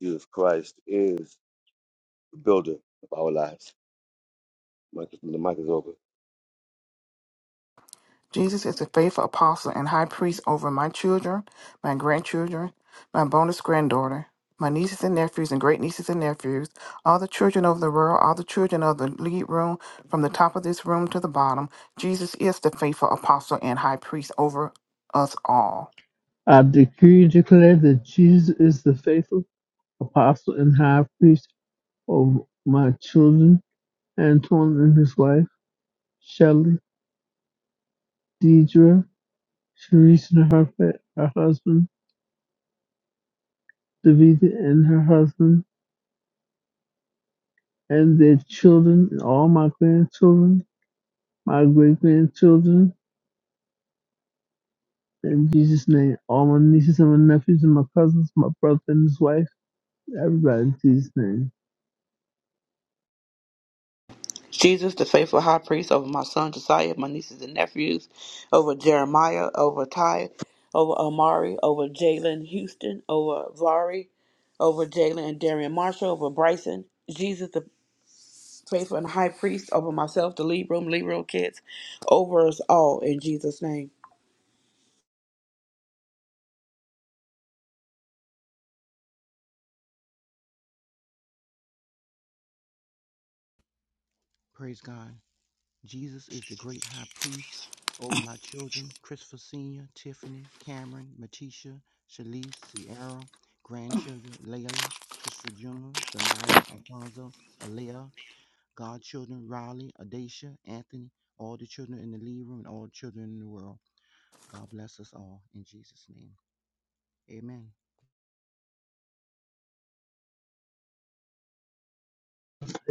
S5: Jesus Christ is the builder of our lives. Mic- The mic is open.
S3: Jesus is the faithful apostle and high priest over my children, my grandchildren, my bonus granddaughter, my nieces and nephews, and great nieces and nephews, all the children of the world, all the children of the lead room, from the top of this room to the bottom. Jesus is the faithful apostle and high priest over us all.
S7: I decree and declare that Jesus is the faithful apostle and high priest of my children, Antoine and his wife, Shelley, Deidre, Sharice and her, fa- her husband, Davida and her husband, and their children, and all my grandchildren, my great grandchildren, In Jesus' name, all my nieces and my nephews and my cousins, my brother and his wife, everybody in Jesus' name.
S2: Jesus, the faithful high priest over my son Josiah, my nieces and nephews, over Jeremiah, over Ty, over Amari, over Jalen Houston, over Vari, over Jalen and Darian Marshall, over Bryson. Jesus, the Pray for the high priest over myself, the lead room, lead room kids, over us all in Jesus' name.
S9: Praise God. Jesus is the great high priest over my children, Christopher Sr., Tiffany, Cameron, Matisha, Shalise, Sierra, grandchildren, Layla, Christopher Jr., Zanaya, Alfonso, Alea, godchildren, Riley, Adacia, Anthony, all the children in the lead room and all the children in the world. God bless us all in Jesus' name. Amen.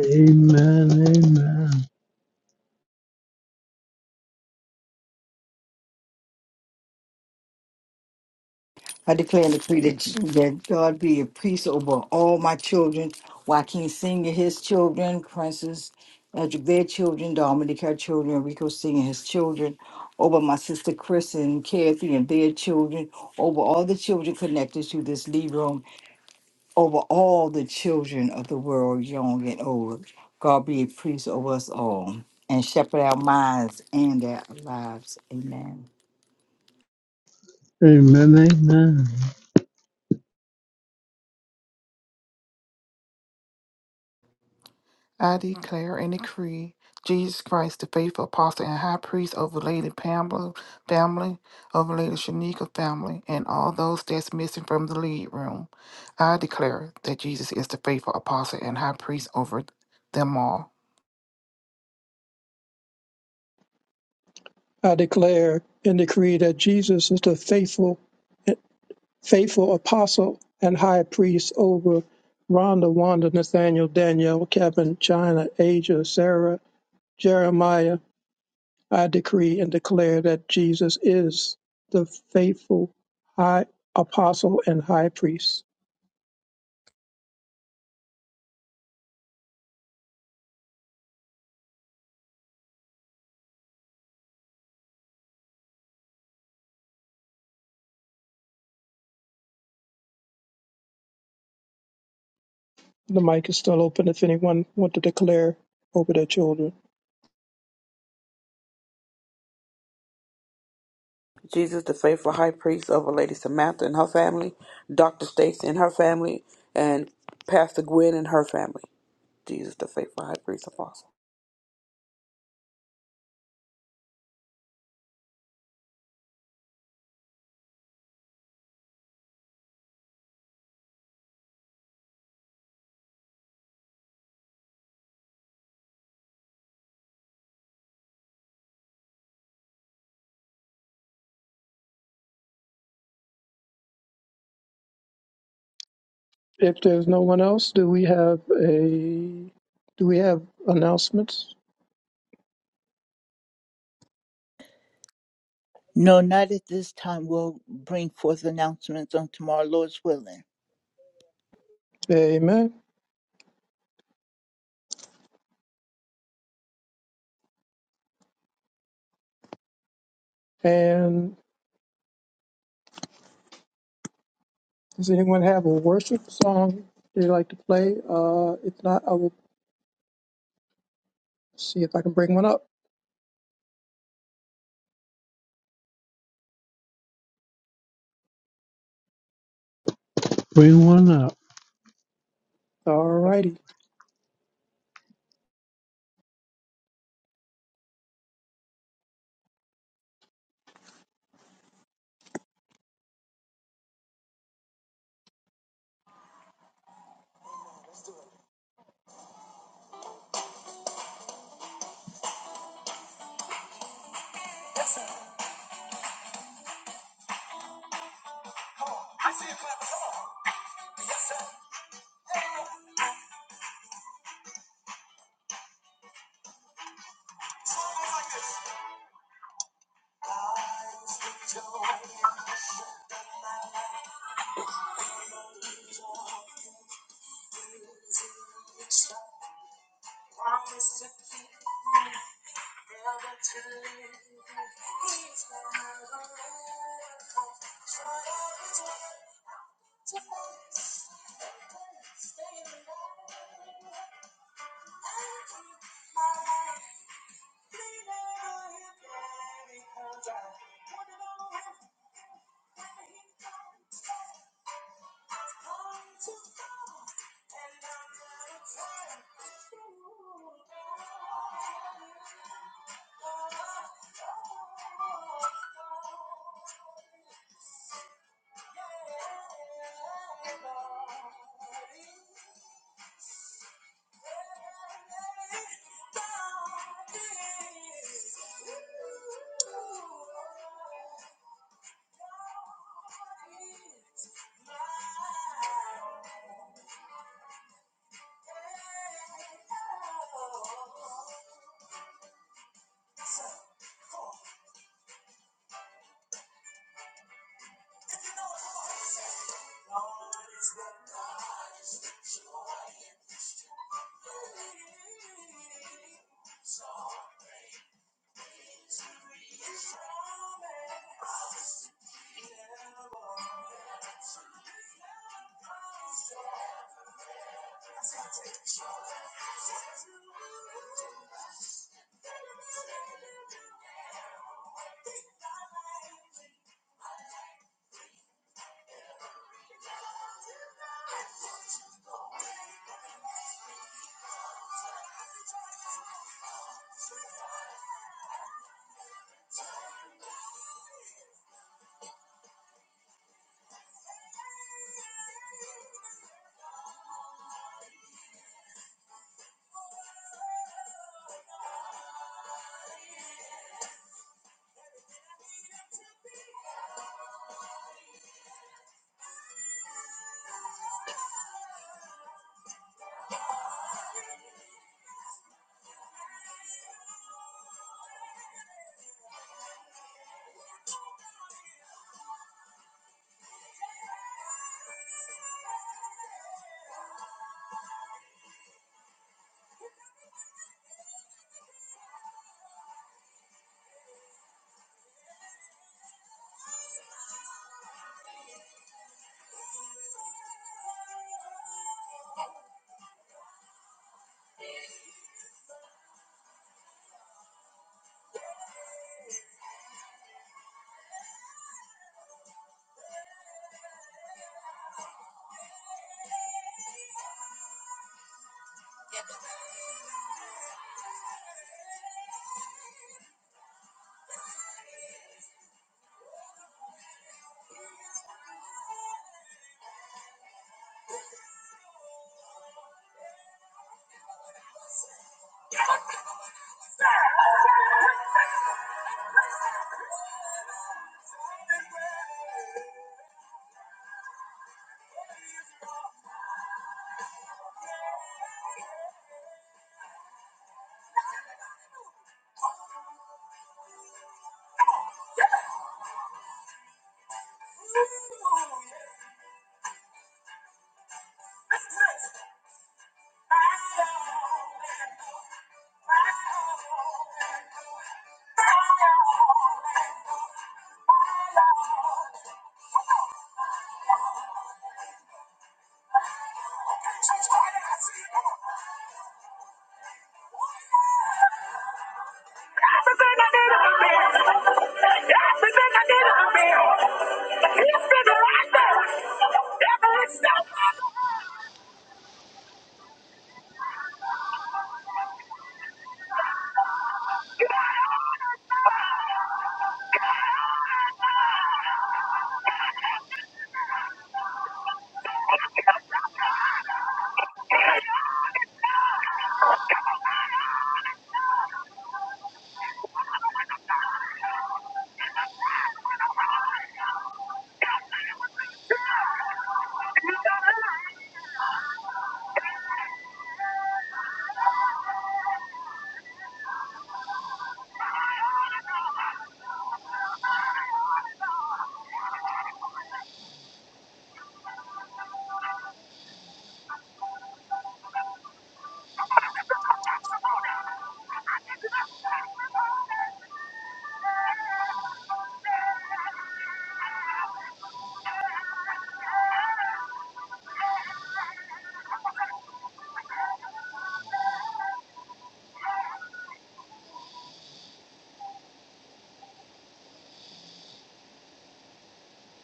S7: Amen, amen,
S8: I declare and decree that, that God be a priest over all my children, Joaquin Sr., his children, Princess, Edric, their children, Dominic, her children, Rico Sr., his children, over my sister Chris and Kathy and their children, over all the children connected to this Lee over all the children of the world, young and old. God be a priest over us all and shepherd our minds and our lives. Amen.
S7: amen, amen.
S3: I declare and decree Jesus Christ, the faithful apostle and high priest over Lady Pamela family, over Lady Shanika family, and all those that's missing from the lead room. I declare that Jesus is the faithful apostle and high priest over them all.
S1: I declare and decree that Jesus is the faithful, faithful apostle and high priest over Rhonda, Wanda, Nathaniel, Danielle, Kevin, China, Asia, Sarah, Jeremiah. I decree and declare that Jesus is the faithful high apostle and high priest. The mic is still open if anyone want to declare over their children.
S2: Jesus, the faithful high priest over Lady Samantha and her family, Dr. Stacy and her family, and Pastor Gwen and her family. Jesus, the faithful high priest apostle.
S1: If there's no one else, do we have a do we have announcements?
S12: No, not at this time. We'll bring forth announcements on tomorrow, Lord's willing.
S1: Amen. And does anyone have a worship song they'd like to play? Uh, if not, I will see if I can bring one up.
S7: Bring one up.
S1: All righty.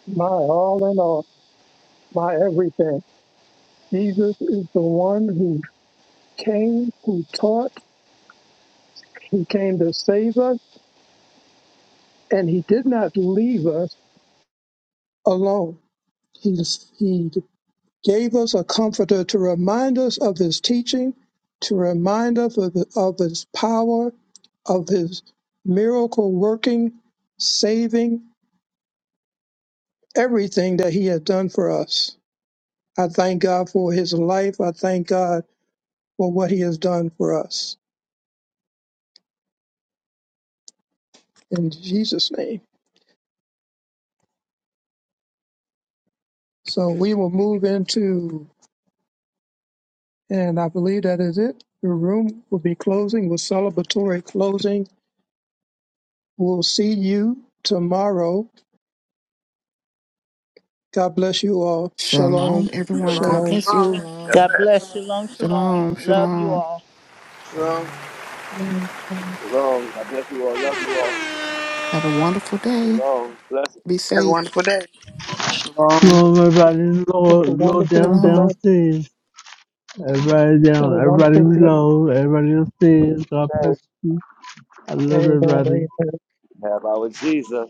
S1: My all in all, my everything. Jesus is the one who came, who taught, he came to save us, and he did not leave us alone. He, he gave us a comforter to remind us of his teaching, to remind us of, of his power, of his miracle working, saving, everything that he has done for us. I thank God for his life. I thank God for what he has done for us in Jesus' name. So we will move into, and I believe that is it. The room will be closing with celebratory closing. We'll see you tomorrow God bless you all.
S3: Shalom,
S1: Shalom.
S3: everyone.
S2: Shalom,
S3: God
S1: Shalom.
S3: bless you.
S2: shalom. God
S12: God
S13: Shalom.
S2: bless.
S12: bless. Shalom, shalom.
S3: Shalom,
S12: Love you
S3: shalom.
S12: all.
S6: Shalom.
S13: Shalom.
S14: Thank you.
S5: Shalom. I bless you all. Love you all.
S3: Have a wonderful day.
S5: Shalom. Bless
S3: Be
S2: Have a
S3: safe.
S2: wonderful day.
S15: Shalom.
S7: Lord, everybody in the
S1: Have
S7: Lord,
S1: a
S7: Lord
S1: wonderful,
S7: down,
S3: Shalom.
S1: blessed,
S7: downstairs. Everybody
S1: have a
S7: down, everybody
S1: wonderful, blessed.
S7: below, everybody
S5: you.
S7: upstairs. God bless you. I love
S1: Amen.
S7: everybody.
S1: Amen.
S5: Have our Jesus.